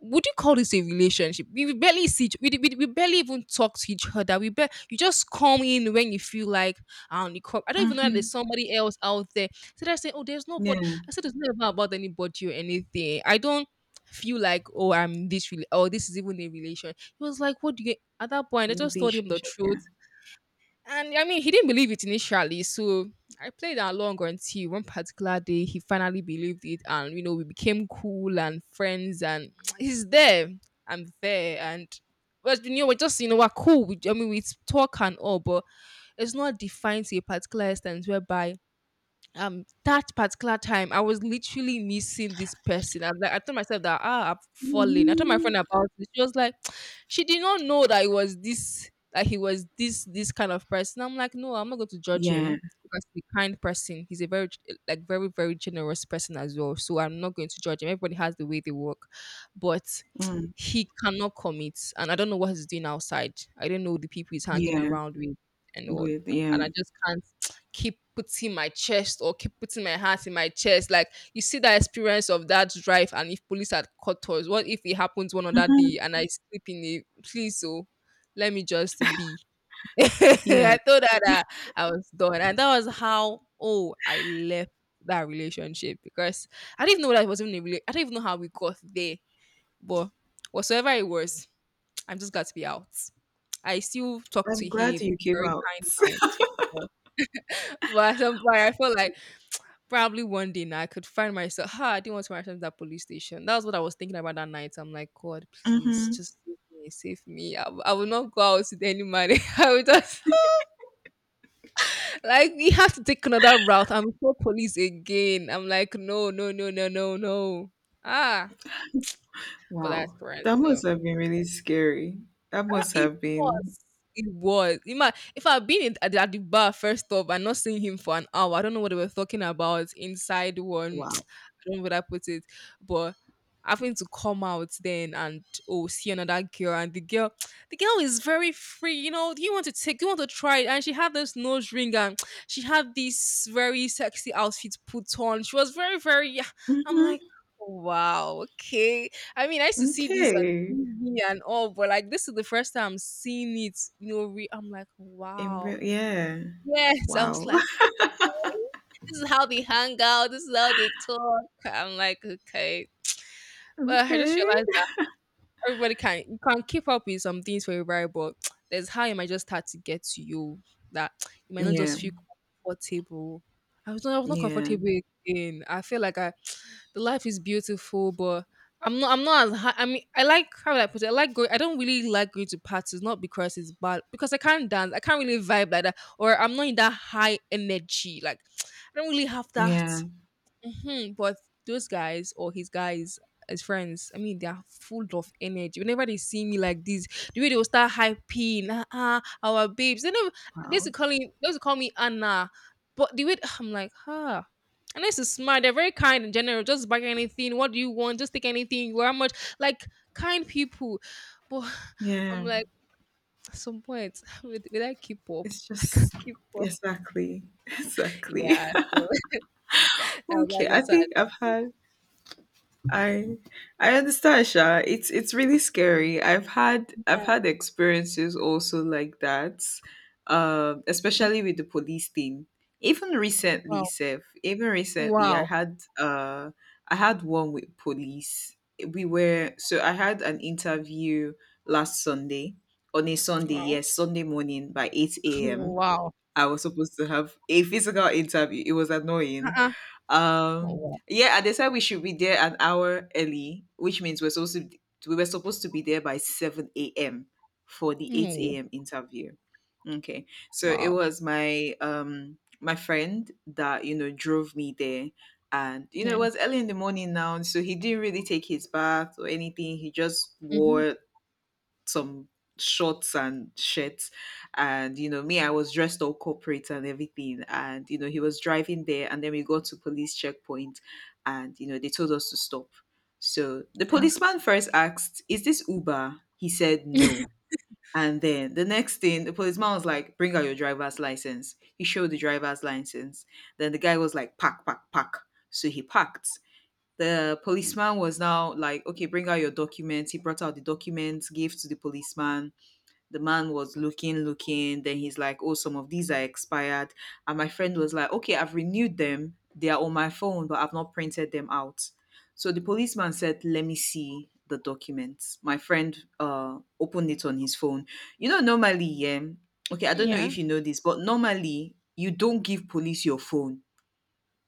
S2: would you call this a relationship? We barely see. We barely even talk to each other. We barely, you just come in when you feel like. And you come. I don't even know that there's
S1: Mhm.
S2: somebody else out there. So they're saying, oh, there's
S1: Yeah,
S2: nobody. I said, it's not even about anybody or anything. I don't feel like, oh, I'm this, or this is even a relation. He was like, what do you, at that point, I just told him the
S1: relationship,
S2: truth.
S1: yeah.
S2: And I mean, he didn't believe it initially. So I played along until one particular day he finally believed it. And, you know, we became cool and friends. And he's there. I'm there. And, but, you know, we're just, you know, we're cool. We, I mean, we talk and all, but it's not defined to a particular extent whereby that particular time I was literally missing this person. I was like, I told myself that ah, I've fallen. I told my
S1: Mhm.
S2: friend about it. She was like, she did not know that it was this that he was this this kind of person. I'm like, no, I'm not going to judge
S1: Yeah.
S2: him because he's a kind person. He's a very like very generous person as well. So I'm not going to judge him. Everybody has the way they work, but
S1: Mm.
S2: he cannot commit, and I don't know what he's doing outside. I don't know the people he's hanging
S1: Yeah,
S2: around with and all,
S1: with
S2: and
S1: yeah.
S2: I just can't keep putting my chest or keep putting my hands in my chest. Like you see that experience of that drive, and if police had caught us, what if it happens one other
S1: Mhm.
S2: day and I sleep in it? Please, oh, let me just be. I
S1: Yeah.
S2: thought her that I was done, and that was how oh I left that relationship because I didn't even know that it was even a I don't even know how we got there, but whatsoever it was, I'm just glad to be out. I still talk
S1: I'm
S2: to
S1: glad
S2: him
S1: you came
S2: very
S1: out.
S2: kind, mind, but at some point I felt like probably one day now I could find myself. Ha, I didn't want to find myself at that police station. That was what I was thinking about that night. I'm like, God, please,
S1: Mhm.
S2: just save me, save me. I will not go out with any man. I will just like we have to take another route. I'm so police again. I'm like, no, no, no, no, no, no. Ah, but that's
S1: Wow.
S2: parents
S1: That
S2: though.
S1: must have been really scary. That
S2: Ah,
S1: must
S2: it
S1: have been
S2: was. It was. You might, if I'd been at the bar first off and not seeing him for an hour, I don't know what they were talking about inside one.
S1: wow.
S2: I don't know what I put it, but having to come out then and oh see another girl and the girl the girl is very free, you know, do you want to take, do you want to try it? And she had this nose ring, and she had this very sexy outfit put on. She was very very, yeah, I'm like,
S1: Mhm.
S2: "Oh, wow, okay, I mean, I used to see this on
S1: Okay.
S2: TV and all, but like this is the first time I'm seeing it. You know, I'm like,
S1: In
S2: wow.
S1: real, yeah.
S2: Yes, I was
S1: Wow.
S2: like, okay, this is how they hang out. This is how they talk. I'm like, okay. Well, I just
S1: Okay.
S2: realized that everybody can you can keep up with some things for everybody, but there's how it might just start to get to you that you might not
S1: Yeah.
S2: just feel comfortable. I was not
S1: Yeah.
S2: comfortable again. I feel like I the life is beautiful, but I'm not. I'm not as. I mean, I like how would I put it. I like going. I don't really like going to parties, not because it's bad, because I can't dance. I can't really vibe like that, or I'm not in that high energy. Like, I don't really have
S1: Yeah.
S2: that. But those guys or his guys, his friends, I mean, they're full of energy. Whenever they see me like this, the way they will start hyping, ah, ah, our babes. They know
S1: Wow.
S2: They used to call me Anna. But the way I'm like, huh, and this is smart. They're very kind in general. Just buy anything. What do you want? Just take anything. How much? Like kind people. But I'm
S1: Yeah.
S2: like, at some point, will I keep up?
S1: It's
S2: I can't
S1: just
S2: keep up.
S1: exactly. Exactly.
S2: Yeah. So I was
S1: Okay.
S2: like,
S1: I
S2: that's why I
S1: think
S2: just,
S1: I've had I I understand Sha. It's really scary. I've had I've
S2: yeah.
S1: had experiences also like that. Especially with the police thing. Even recently,
S2: Wow,
S1: Seth, even recently
S2: wow,
S1: I had one with police. We were so I had an interview last Sunday, on a Sunday,
S2: wow,
S1: yes, Sunday morning by 8 a.m.
S2: wow,
S1: I was supposed to have a physical interview. It was annoying.
S2: uh-uh. Wow, wow,
S1: Yeah, and they said we should be there an hour early, which means we were supposed to be there by 7 a.m. for the eight
S2: mm,
S1: a.m. interview. Okay, so it
S2: wow.
S1: was my friend that, you know, drove me there, and, you know, it
S2: Yeah.
S1: was early in the morning now, so he didn't really take his bath or anything. He just
S2: hmm
S1: wore some shorts and shirts, and, you know, me, I was dressed all corporate and everything. And, you know, he was driving there, and then we got to police checkpoint, and, you know, they told us to stop. So the policeman first asked, "Is this Uber?" He said no. And then the next thing, the policeman was like, "Bring out your driver's license." He showed the driver's license. Then the guy was like, "Pack, pack, pack." So he packed. The policeman was now like, "Okay, bring out your documents." He brought out the documents, gave to the policeman. The man was looking, looking. Then he's like, "Oh, some of these are expired." And my friend was like, "Okay, I've renewed them. They are on my phone, but I've not printed them out." So the policeman said, "Let me see the documents." My friend opened it on his phone. You know, normally, yeah, okay, I don't know
S2: yeah.
S1: if you know this, but normally you don't give police your phone,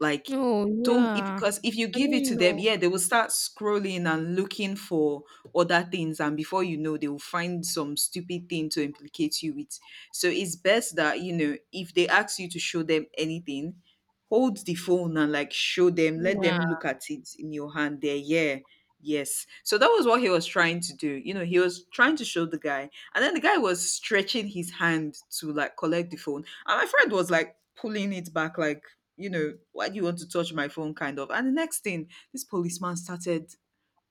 S1: like,
S2: Oh,
S1: don't if
S2: yeah.
S1: because if you
S2: I
S1: give it
S2: didn't
S1: to them,
S2: know.
S1: yeah, they will start scrolling and looking for other things, and before you know, they will find some stupid thing to implicate you with. So it's best that, you know, if they ask you to show them anything, hold the phone and, like, show them, let
S2: Yeah.
S1: them look at it in your hand. There, yeah. Yes. So that was what he was trying to do. You know, he was trying to show the guy. And then the guy was stretching his hand to, like, collect the phone. And my friend was like pulling it back, like, "You know, why do you want to touch my phone?" Kind of. And the next thing, this policeman started,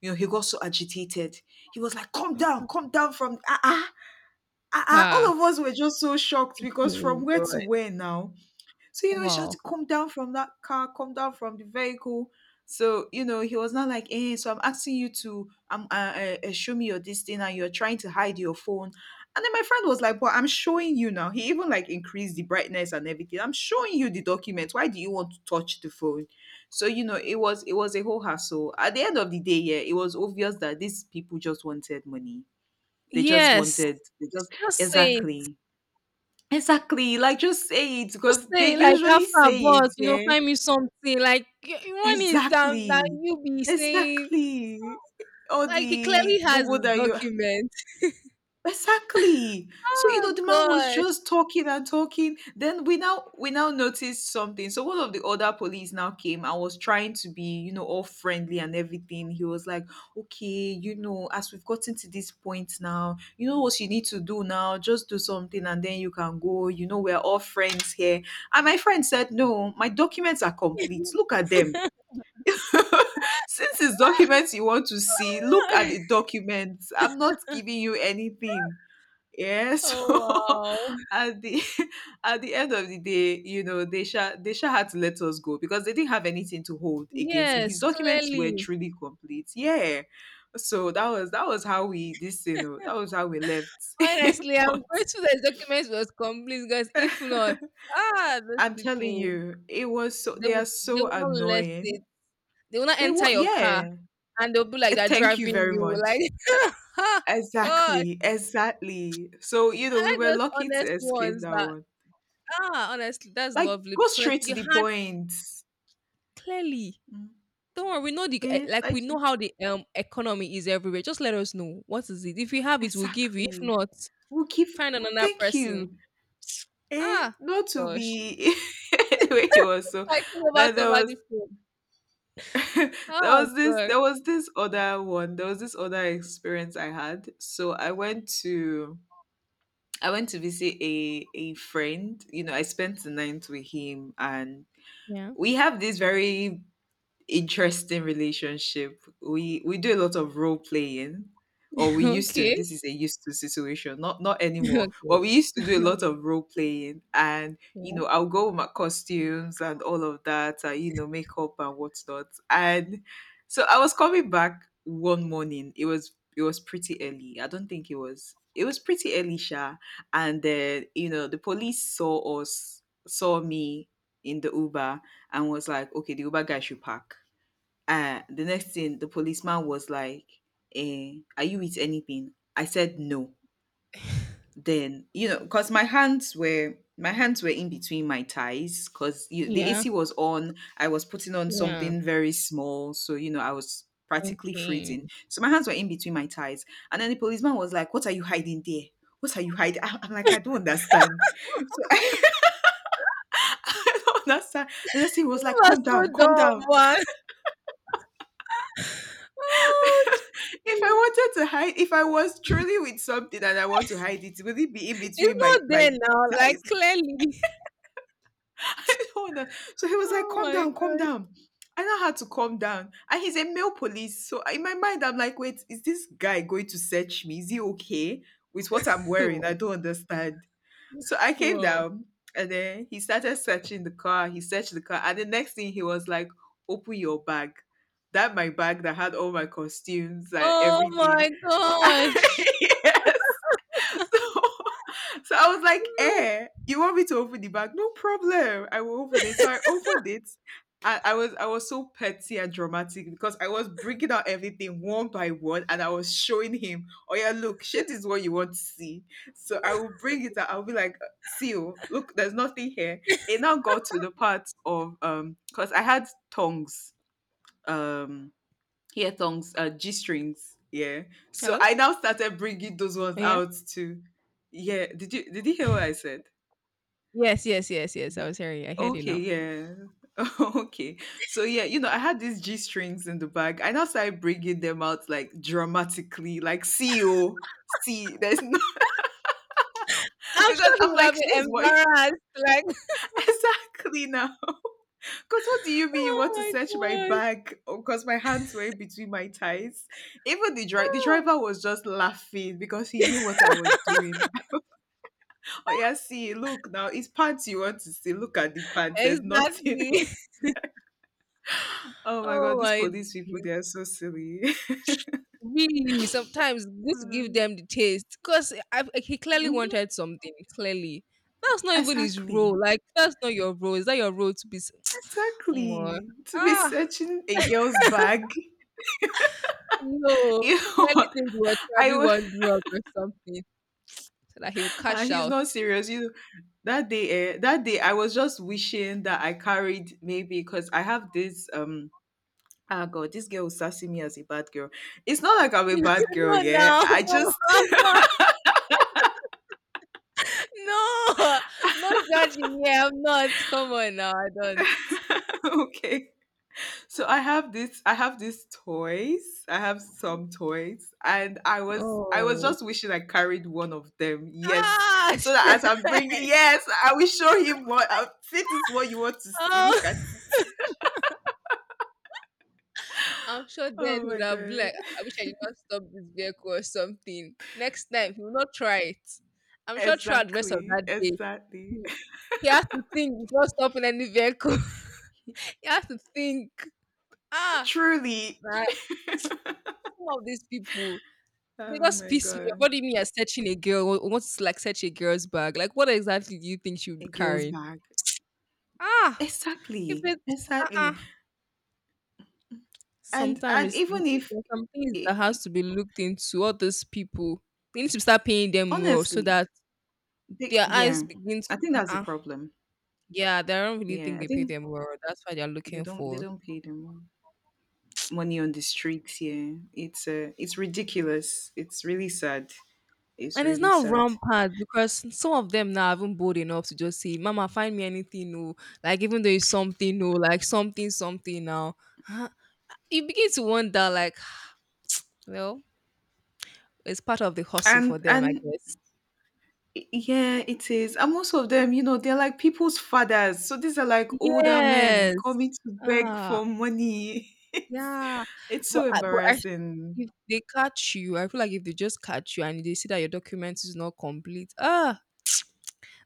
S1: you know, he got so agitated. He was like, "Come down, come down from, ah, ah, ah, ah." All of
S2: Ha.
S1: us were just so shocked because from
S2: Oh,
S1: where to
S2: God.
S1: where now? So, you know, she had to
S2: Wow.
S1: come down from that car, come down from the vehicle. So, you know, he was not like, "Eh, so I'm asking you to show me your this thing, and you're trying to hide your phone." And then my friend was like, "But I'm showing you now." He even, like, increased the brightness and everything. "I'm showing you the document. Why do you want to touch the phone?" So, you know, it was a whole hassle. At the end of the day, yeah, it was obvious that these people just wanted money. They just
S2: Yes.
S1: wanted, they just,
S2: Just say it.
S1: exactly. Exactly, like, just say it
S2: Just
S1: because they
S2: say it, like
S1: usually
S2: have a
S1: say
S2: boss,
S1: it,
S2: you know,
S1: yeah.
S2: find me something. Like you want is that that
S1: Exactly,
S2: you be saying
S1: exactly. All
S2: like he
S1: the
S2: clearly has
S1: gbogbo
S2: his
S1: that you...
S2: document.
S1: Exactly. So, you
S2: Oh
S1: know, the man was
S2: gosh.
S1: just talking and talking. Then we now noticed something. So one of the other police now came and was trying to be, you know, all friendly and everything. He was like, "Okay, you know, as we've gotten to this point now, you know what you need to do now. Just do something and then you can go. You know, we're all friends here." And my friend said, "No, my documents are complete. Look at them." "Since it's documents you want to see, look at the documents. I'm not giving you anything." Yeah,
S2: oh
S1: so
S2: wow.
S1: at the at the end of the day, you know, Desha had to let us go because they didn't have anything to hold against him. His
S2: Yes,
S1: documents were
S2: clearly.
S1: truly complete, yeah. So that was how we, this, you know, that was how we left. If
S2: Honestly, I'm
S1: not,
S2: grateful that the document was complete because if not, ah, those
S1: I'm telling
S2: people,
S1: you, it was so, they are
S2: they
S1: so
S2: will not let
S1: annoying.
S2: it. They will not
S1: They
S2: enter
S1: were,
S2: your car
S1: yeah.
S2: and they'll be like they're
S1: Thank you
S2: driving
S1: very
S2: you.
S1: much.
S2: Like, gosh,
S1: Exactly, exactly. So, you know,
S2: I
S1: we
S2: like
S1: were
S2: those
S1: lucky to
S2: honest
S1: escape
S2: ones
S1: that
S2: that,
S1: one.
S2: ah, honestly, that's
S1: Like,
S2: lovely
S1: go
S2: because
S1: straight to
S2: you
S1: the
S2: had
S1: point.
S2: clearly.
S1: Mm.
S2: Don't worry, we know the eh,
S1: Yeah,
S2: like
S1: like,
S2: we know how the economy is everywhere. Just let us know what is it. If you have it, we'll give you. If
S1: exactly.
S2: not,
S1: We'll give...
S2: find another
S1: thank
S2: person.
S1: you. Eh,
S2: Ah,
S1: not to
S2: gosh,
S1: be... anyway, it was so,
S2: fighting over
S1: then there was...
S2: somebody.
S1: there
S2: Oh,
S1: was this
S2: God.
S1: there was this other one. There was this other experience I had. So I went to visit a friend. You know, I spent the night with him, and
S2: Yeah.
S1: we have this very interesting relationship. We do a lot of role playing, or we used to.
S2: Okay.
S1: This is a used to situation, not anymore. But
S2: Okay.
S1: we used to do a lot of role playing, and, you
S2: Yeah.
S1: know, I'll go with my costumes and all of that, and, you know, makeup and whatnot. And so I was coming back one morning. It was pretty early. I don't think it was. It was pretty early, Sha. And then, you know, the police saw us, saw me in the Uber, and was like, "Okay, the Uber guy should park." The next thing, the policeman was like, "Eh, are you with anything?" I said no. Then, you know, because my hands were in between my thighs because the
S2: Yeah.
S1: AC was on, I was putting on
S2: Yeah.
S1: something very small, so, you know, I was practically
S2: Okay.
S1: freezing,
S2: You
S1: so my hands were in between my thighs. And then the policeman was like, "What are you hiding there? What are you hiding?" I'm like, "I don't understand." So I don't understand. The next thing was like,
S2: are
S1: "Calm
S2: so
S1: down, calm
S2: dumb,
S1: down."
S2: man. Oh, gee.
S1: If I wanted to hide, if I was truly with something and I want to hide it, would it be in
S2: It's
S1: between my
S2: not
S1: my
S2: there now. Like
S1: thighs?
S2: clearly.
S1: I don't know. So he was like,
S2: Oh
S1: "Calm
S2: my
S1: down, calm
S2: god.
S1: down." I know how to calm down, and he's a male police. So in my mind, I'm like, "Wait, is this guy going to search me? Is he okay with what I'm wearing? I
S2: Wow.
S1: don't understand." So I came
S2: Wow.
S1: down, and then he started searching the car. He searched the car, and the next thing he was like, "Open your bag." That my bag that had all my costumes and
S2: Oh
S1: everything.
S2: my gosh.
S1: Yes. So, I was like,
S2: No.
S1: "Eh, you want me to open the bag? No problem. I will open it." So I opened it. I was so petty and dramatic because I was bringing out everything one by one, and I was showing him, "Oh yeah, look, shit is what you want to see. So I will bring it out." I'll be like, "See you. Look, there's nothing here." It now got to the part of because I had tongs. Um Ear thongs, g strings, yeah. So
S2: Hello.
S1: I now started bringing those ones
S2: Yeah.
S1: out too. Yeah, did you hear what I said?
S2: Yes. Yes. Yes. Yes. I
S1: Did-
S2: was hearing. You. I heard you
S1: okay,
S2: now.
S1: yeah. Okay. So yeah, you know, I had these g strings in the bag. I now started bringing them out, like, dramatically, like, "See, oh, see, there's no..."
S2: I'm
S1: Because
S2: sure he
S1: I'm
S2: would have
S1: like, "This
S2: been
S1: is what..."
S2: embarrassed. Like,
S1: Exactly now. Because what do you mean you
S2: oh
S1: want to
S2: my
S1: search my
S2: gosh.
S1: bag? Because my hands were in between my thighs. Even the
S2: Oh.
S1: driver was just laughing because he knew what I was doing. "Oh yeah, see, look now, it's pants you want to see. Look at the pants. There's nothing in
S2: Exactly.
S1: it." Oh my god,
S2: Oh
S1: these
S2: my.
S1: police people, they are so silly.
S2: Really, sometimes this give
S1: Mm-hmm.
S2: them the taste because he clearly wanted something. Clearly, that's not even his
S1: Exactly.
S2: role. Like that's not your role. Is that your role to be? Omo.
S1: Exactly. To be
S2: Ah,
S1: searching a girl's bag.
S2: no.
S1: You
S2: Clearly,
S1: know,
S2: think he was
S1: I
S2: probably
S1: wa-
S2: one drug or something, so that he would cash
S1: he's
S2: out.
S1: not serious. You know, that day I was just wishing that I carried, maybe because I have this ah, god, this girl will sassy me as a bad girl. It's not like I'm a bad girl,
S2: no,
S1: yeah,
S2: now,
S1: I
S2: no,
S1: just...
S2: I'm not. No, no judging. Yeah, I'm not. Come on now, I don't.
S1: okay, so I have these toys. I have some toys, and I was
S2: Oh,
S1: just wishing I carried one of them, yes.
S2: ah,
S1: So that as I'm bringing, yes, I will show him what, see, this is what you want to see. Look at
S2: oh.
S1: it.
S2: I'm sure then
S1: Oh
S2: he
S1: my
S2: would have been
S1: god.
S2: like, I wish I did not stop this vehicle or something. Next time, he will not try it. I'm sure throughout the rest of
S1: Exactly,
S2: that day,
S1: exactly.
S2: he, he has to think before stopping any vehicle. He has to think, ah,
S1: Truly.
S2: man, some of these people, they
S1: Oh
S2: just
S1: my
S2: piss me off.
S1: god.
S2: What do you mean you're searching a girl? What's like search a girl's bag? Like, what exactly do you think she would
S1: A
S2: be
S1: girl's
S2: carrying?
S1: bag.
S2: Ah, if
S1: Exactly.
S2: it's, uh-uh.
S1: Exactly. And
S2: Sometimes
S1: Even if
S2: there's some things that
S1: I,
S2: has to be looked into. All those people, we need to start paying them more so
S1: honestly,
S2: that
S1: they,
S2: their eyes
S1: yeah,
S2: begin to
S1: I think that's the
S2: uh,
S1: problem.
S2: yeah, they don't really
S1: Yeah,
S2: think
S1: I
S2: they pay
S1: think
S2: them well. That's why they're
S1: they
S2: looking
S1: don't they
S2: for.
S1: don't pay their money on the streets. Yeah, it's ridiculous. It's really sad. It's
S2: And it's
S1: really
S2: not
S1: sad.
S2: rampant because some of them now haven't bold enough to just say, Mama, find me anything new. Like even though it's something new, like something, something now. Huh? You begin to wonder, like, well, it's part of the hustle for them, I
S1: And
S2: guess.
S1: Yeah, it is. And most of them, you know, they're like people's fathers. So these are like older men
S2: Yes.
S1: coming to beg
S2: Ah,
S1: for money. It's
S2: yeah.
S1: it's
S2: But,
S1: so
S2: but I,
S1: embarrassing.
S2: if they catch you, I feel like if they just catch you and they see that your document is not complete, ah,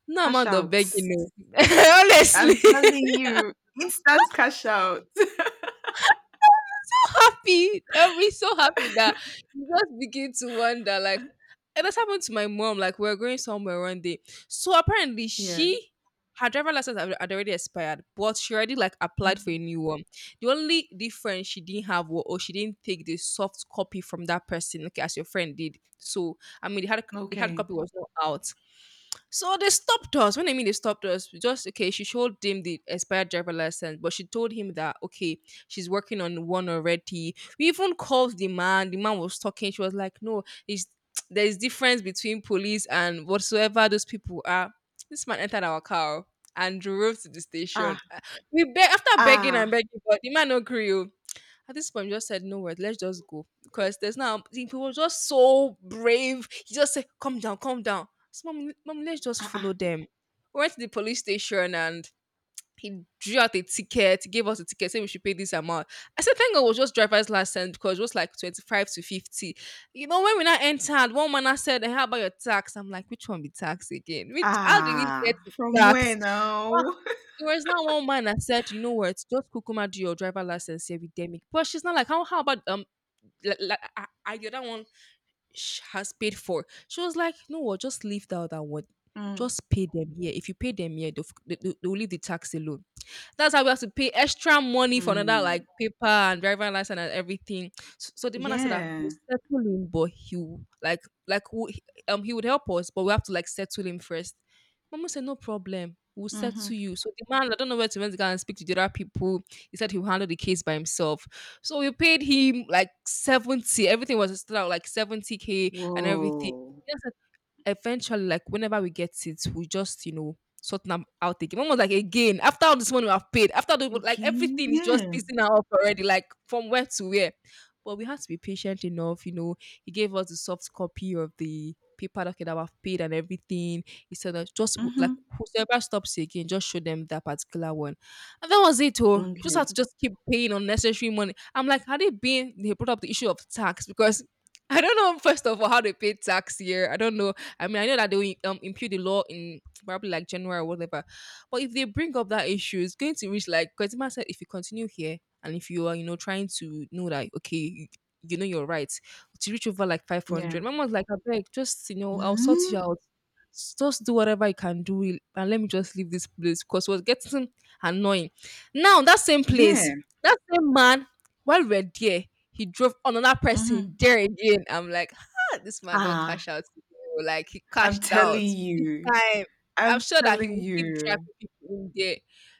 S2: no
S1: Cash
S2: amount of
S1: out.
S2: begging, no.
S1: I'm
S2: Honestly.
S1: telling you, instant cash out.
S2: Happy. I'll be so happy that you just begin to wonder, like, it that's happened to my mom. Like, we were going somewhere one day. So apparently,
S1: Yeah.
S2: she her driver license had already expired, but she already like applied for a
S1: Mhm.
S2: new one. The only difference she didn't have was or she didn't take the soft copy from that person, okay, as your friend did. So I mean, the hard
S1: Okay.
S2: copy was not out. So they stopped us. When I mean they stopped us, we just okay, she showed him the expired driver license, but she told him that okay, she's working on one already. We even called the man. The man was talking. She was like, "No, it's there is difference between police and whatsoever those people are." This man entered our car and drove to the
S1: Ah,
S2: station. Ah, we beg after begging and
S1: ah,
S2: begging, but the man no agree. Oh. At this point, we just said no word. Let's just go because there's now he was just so brave. He just said, "Come down, come down." So, mom, let's just
S1: ah,
S2: follow
S1: ah.
S2: them. We went to the police station and he drew out a ticket, he gave us a ticket, saying we should pay this amount. I said, thank God it was just driver's license because it was like 25 to 50. You know, when we now entered, one man now said, "Eh, how about your tax? I'm like, which one be tax again? Which, how do we
S1: Ah.
S2: get to
S1: From where
S2: tax?
S1: now?
S2: Ah, there was not one man that said, you know what, just Kukuma do your driver license here with Demi. But she's not like, how about, like, the other one has paid for. She was like, no, what, just leave the other one.
S1: Mm,
S2: Just pay them here. If you pay them here, they'll leave the tax alone. That's how we have to pay extra money for another like
S1: mm.
S2: paper and driver license and everything. So the man said that we'll
S1: Yeah.
S2: settle him, but he will, like like we, he would help us, but we have to like settle him first. Mama said no problem. We'll settle
S1: Mm-hmm.
S2: you. So the man, I don't know where to went to go and speak to the other people. He said he'll handle the case by himself. So we paid him like 70. Everything was still out like 70k and everything.
S1: Whoa.
S2: Yes, eventually, like whenever we get it, we just, you know, sort them out again. Mom was like, again, after all this money we have paid, after the like
S1: Again?
S2: everything is
S1: Yeah.
S2: just pissing her off already, like from where to where. But we had to be patient enough. He gave us the soft copy of the paper docket that we've paid and everything. He said that just like
S1: Mm-hmm.
S2: whoever stops you again, just show them that particular one. And that was it, oh. Just had
S1: Okay.
S2: to just keep paying unnecessary money. I'm like, had it been they brought up the issue of tax because I don't know first of all how they pay tax here. I don't know. I mean, I know that they will impute the law in probably like January or whatever. But if they bring up that issue, it's going to reach like because Emma said, if you continue here and if you are trying to know that okay, you know your rights to reach over like five
S1: Yeah.
S2: hundred. My mom was like, I beg, just, I'll sort you
S1: Mhm.
S2: out. Just do whatever I can do it, and let me just leave this place because it was getting annoying. Now that same
S1: Yeah.
S2: place, that same man, while we're there, he drove another person
S1: Mhm.
S2: there again. I'm like, ah, this man don't
S1: Ah,
S2: cash out oh, like he
S1: I'm
S2: cashed out
S1: telling
S2: big
S1: you.
S2: time. I'm
S1: I'm
S2: sure that he
S1: telling
S2: will keep driving
S1: you.
S2: people in there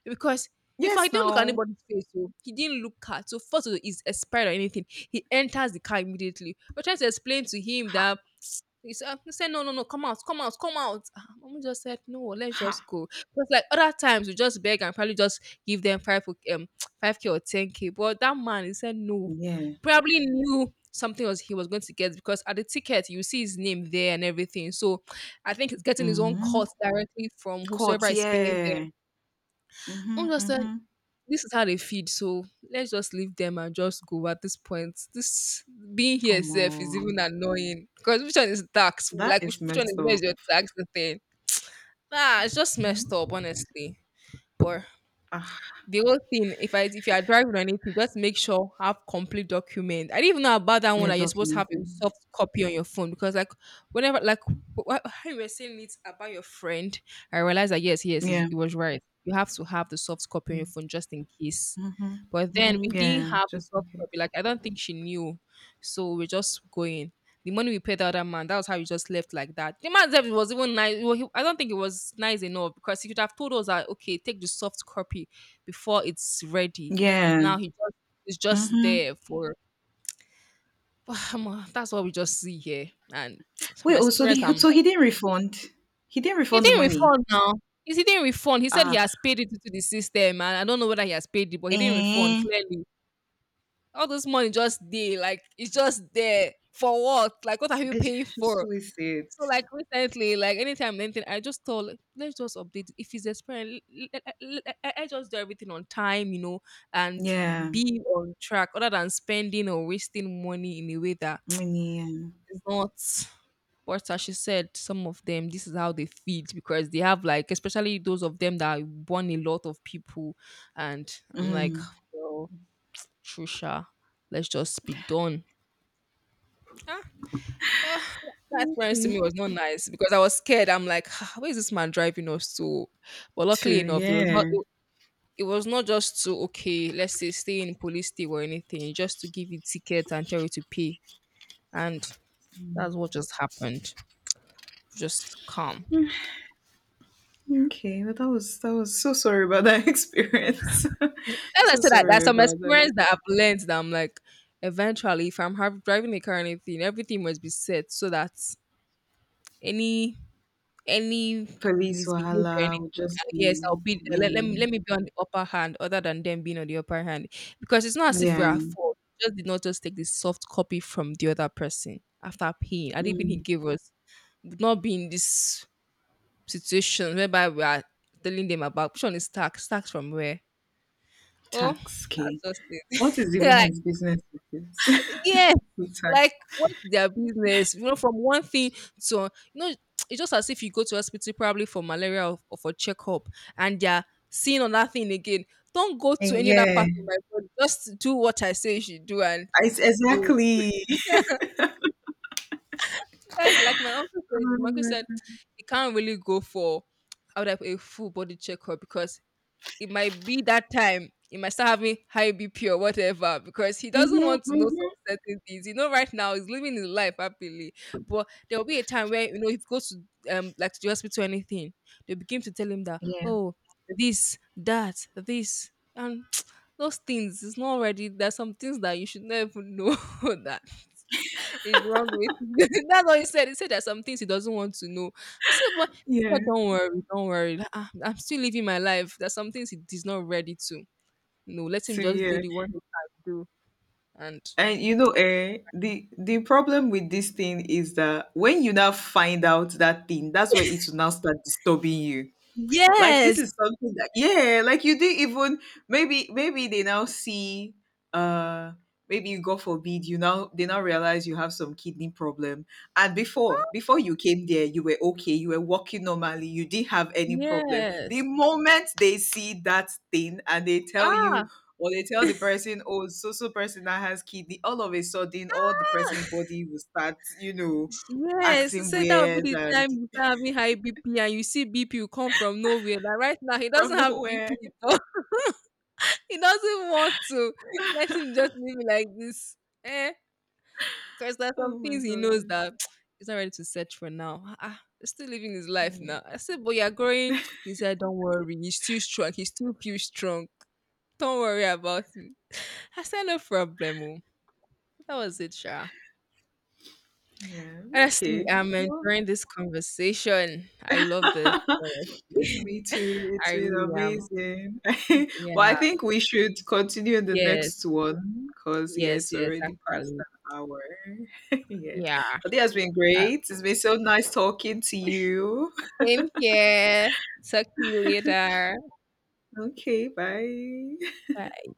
S2: because if I
S1: Yes,
S2: didn't look at
S1: no.
S2: anybody's face, so he didn't look at so first of all, he's expired or anything. He enters the car immediately. We're trying to explain to him
S1: Ha,
S2: that he said, "Ah," he said no, no, no, come out, come out, come out. Mom just said, no, let's
S1: ha.
S2: just go. Because like other times, we just beg and probably just give them 5K or 10K. But that man, he said no
S1: Yeah.
S2: probably knew something was he was going to get because at the ticket you see his name there and everything. So I think he's getting his own
S1: Mhm.
S2: cut directly from
S1: Caught,
S2: whosoever is paying them.
S1: yeah. Mhm,
S2: I'm just like,
S1: mhm.
S2: this is how they feed. So let's just leave them and just go at this point. This being here
S1: Omo,
S2: itself is even annoying because which one is tax?
S1: that
S2: Like which,
S1: is
S2: which one
S1: messed
S2: is
S1: up.
S2: where's your tax? The thing. Nah, it's just messed
S1: Mhm.
S2: up, honestly. But
S1: Ah,
S2: the whole thing, if you are driving or anything, just make sure have complete document. I didn't even know about that one
S1: yeah,
S2: that you're supposed to have a
S1: documenting.
S2: soft copy on your phone because like whenever like how you were saying it about your friend, I realized that yes, yes, it
S1: Yeah.
S2: it was right. You have to have the soft copy on your phone just in case.
S1: Mm-hmm.
S2: But then
S1: Hmm.
S2: we didn't
S1: Yeah,
S2: have the
S1: just in
S2: soft
S1: case.
S2: copy. Like I don't think she knew, so we're just going. The money we paid the other man, that was how we just left like that. The man was even nice. Well, he, I don't think it was nice enough because he could have told us that okay, take the soft copy before it's ready.
S1: Yeah.
S2: Now he just, it's just
S1: Mm-hmm.
S2: there for omo, that's what we just see here. And from
S1: Wait, oh, so,
S2: experience,
S1: the,
S2: I'm
S1: so he
S2: like,
S1: didn't refund. He didn't
S2: he
S1: refund the
S2: didn't
S1: money.
S2: refund now. He didn't refund. He said he
S1: Ah,
S2: has paid it to the system, and I don't know whether he has paid it, but he didn't refund
S1: eh.
S2: clearly. All this money just there, like it's just there for what? Like what are you
S1: I
S2: paying
S1: just
S2: for?
S1: totally see it.
S2: So like recently, like anytime anything, I just thought like, let's just update it. If it's expiring, let, I just do everything on time, and
S1: Yeah,
S2: be on track, other than spending or wasting money in a way that
S1: many. Yeah.
S2: is not. But as she said, some of them, this is how they feed because they have like, especially those of them that born a lot of people, and I'm like,
S1: Mm.
S2: well, Trisha, let's just be done. Ugh, that experience to
S1: Okay,
S2: me was not nice because I was scared. I'm like, "Ah, where is this man driving us to? But luckily
S1: two.
S2: enough, it was not.
S1: Yeah.
S2: It was not just to okay, let's say stay in police state or anything, just to give you tickets and tell you to pay. And that's what just happened. Just calm.
S1: Okay, well, that was so... sorry about that experience.
S2: And I
S1: So
S2: said that that's
S1: sorry
S2: some
S1: about that.
S2: experience that I've learned that I'm like, eventually, if I'm have, driving a car or anything, everything must be set so that any any
S1: Police
S2: misbehavior, anything,
S1: wahala would just
S2: yes,
S1: be...
S2: I'll be
S1: yeah,
S2: there. Let me be on the upper hand, other than them being on the upper hand, because it's not as if we're
S1: yeah.
S2: at fault. We just did not just take the soft copy from the other person after paying. I didn't he
S1: Mm,
S2: gave us would not be in this situation whereby we are telling them about which one is tax, tax from where. Oh,
S1: tax K.
S2: that's just
S1: What
S2: it.
S1: is even
S2: like,
S1: his business with this?
S2: yeah,
S1: With tax.
S2: like, what's their business? You know, from one thing to, it's just as if you go to hospital probably for malaria or for checkup, and they're seeing on that thing again. Don't go to
S1: Eh,
S2: any other
S1: yeah,
S2: part of my body. Just do what I say you should do and
S1: it's
S2: go.
S1: exactly.
S2: That is like my uncle said.
S1: Oh
S2: My uncle
S1: my
S2: said
S1: God.
S2: he can't really go for how would I put it, a full body checkup because it might be that time he might start having high BP or whatever because he doesn't
S1: Mhm,
S2: want to know some
S1: mhm.
S2: certain things. You know, right now he's living his life happily, but there will be a time where you know if he goes to like to the hospital or anything, they begin to tell him that
S1: Yeah,
S2: oh this that this and those things it's not already there's some things that you should never know that is wrong with you. That's what he said. He said there's some things he doesn't want to know. I said, but he
S1: yeah.
S2: said, don't worry, don't worry. Like, "Ah, I'm still living my life. There's some things he is not ready to. No, let him
S1: So
S2: just do
S1: yeah.
S2: the one he can do. And
S1: And, you know, eh, the problem with this thing is that when you now find out that thing, that's where it will now start disturbing you. Like, this
S2: yes,
S1: is something that, yeah, like, you didn't even... maybe they now see, uh maybe you, God forbid, you now, they now realize you have some kidney problem. And before you came there, you were okay, you were walking normally, you didn't have any problem. The
S2: yes.
S1: moment they see that thing and they tell you,
S2: Ah,
S1: or they tell the person, "Oh, so, so person that has kidney," all of a sudden, all the person's
S2: ah,
S1: body will start, you know,
S2: yes. He
S1: acting
S2: said that will
S1: weird
S2: be the
S1: and
S2: time you start having high BP and you see BP will come from nowhere. Like right now, he
S1: from
S2: doesn't have
S1: nowhere.
S2: BP. He doesn't want to. Let him just live like this. Eh, because there's
S1: Oh
S2: some
S1: my
S2: things he knows
S1: god.
S2: that he's not ready to search for now. Ah, he's still living his life
S1: Yeah.
S2: now. I said, but you're growing. He said, don't worry. He's still strong. He still feels strong. Don't worry about me." I said, no problem. Oh." That was it, Sha.
S1: Yeah,
S2: Honestly,
S1: okay.
S2: I'm
S1: Well,
S2: enjoying this conversation. I love this, honestly.
S1: me too.
S2: I
S1: It's been
S2: really am.
S1: amazing. But I
S2: Yeah.
S1: think we should continue the
S2: Yes.
S1: next one because, yeah,
S2: Yes.
S1: it's
S2: Yes.
S1: already past
S2: Actually.
S1: an hour. Yeah.
S2: Yeah.
S1: But it has been great. It's been so nice talking to you.
S2: Same here. Talk to you later.
S1: Okay, bye.
S2: Bye.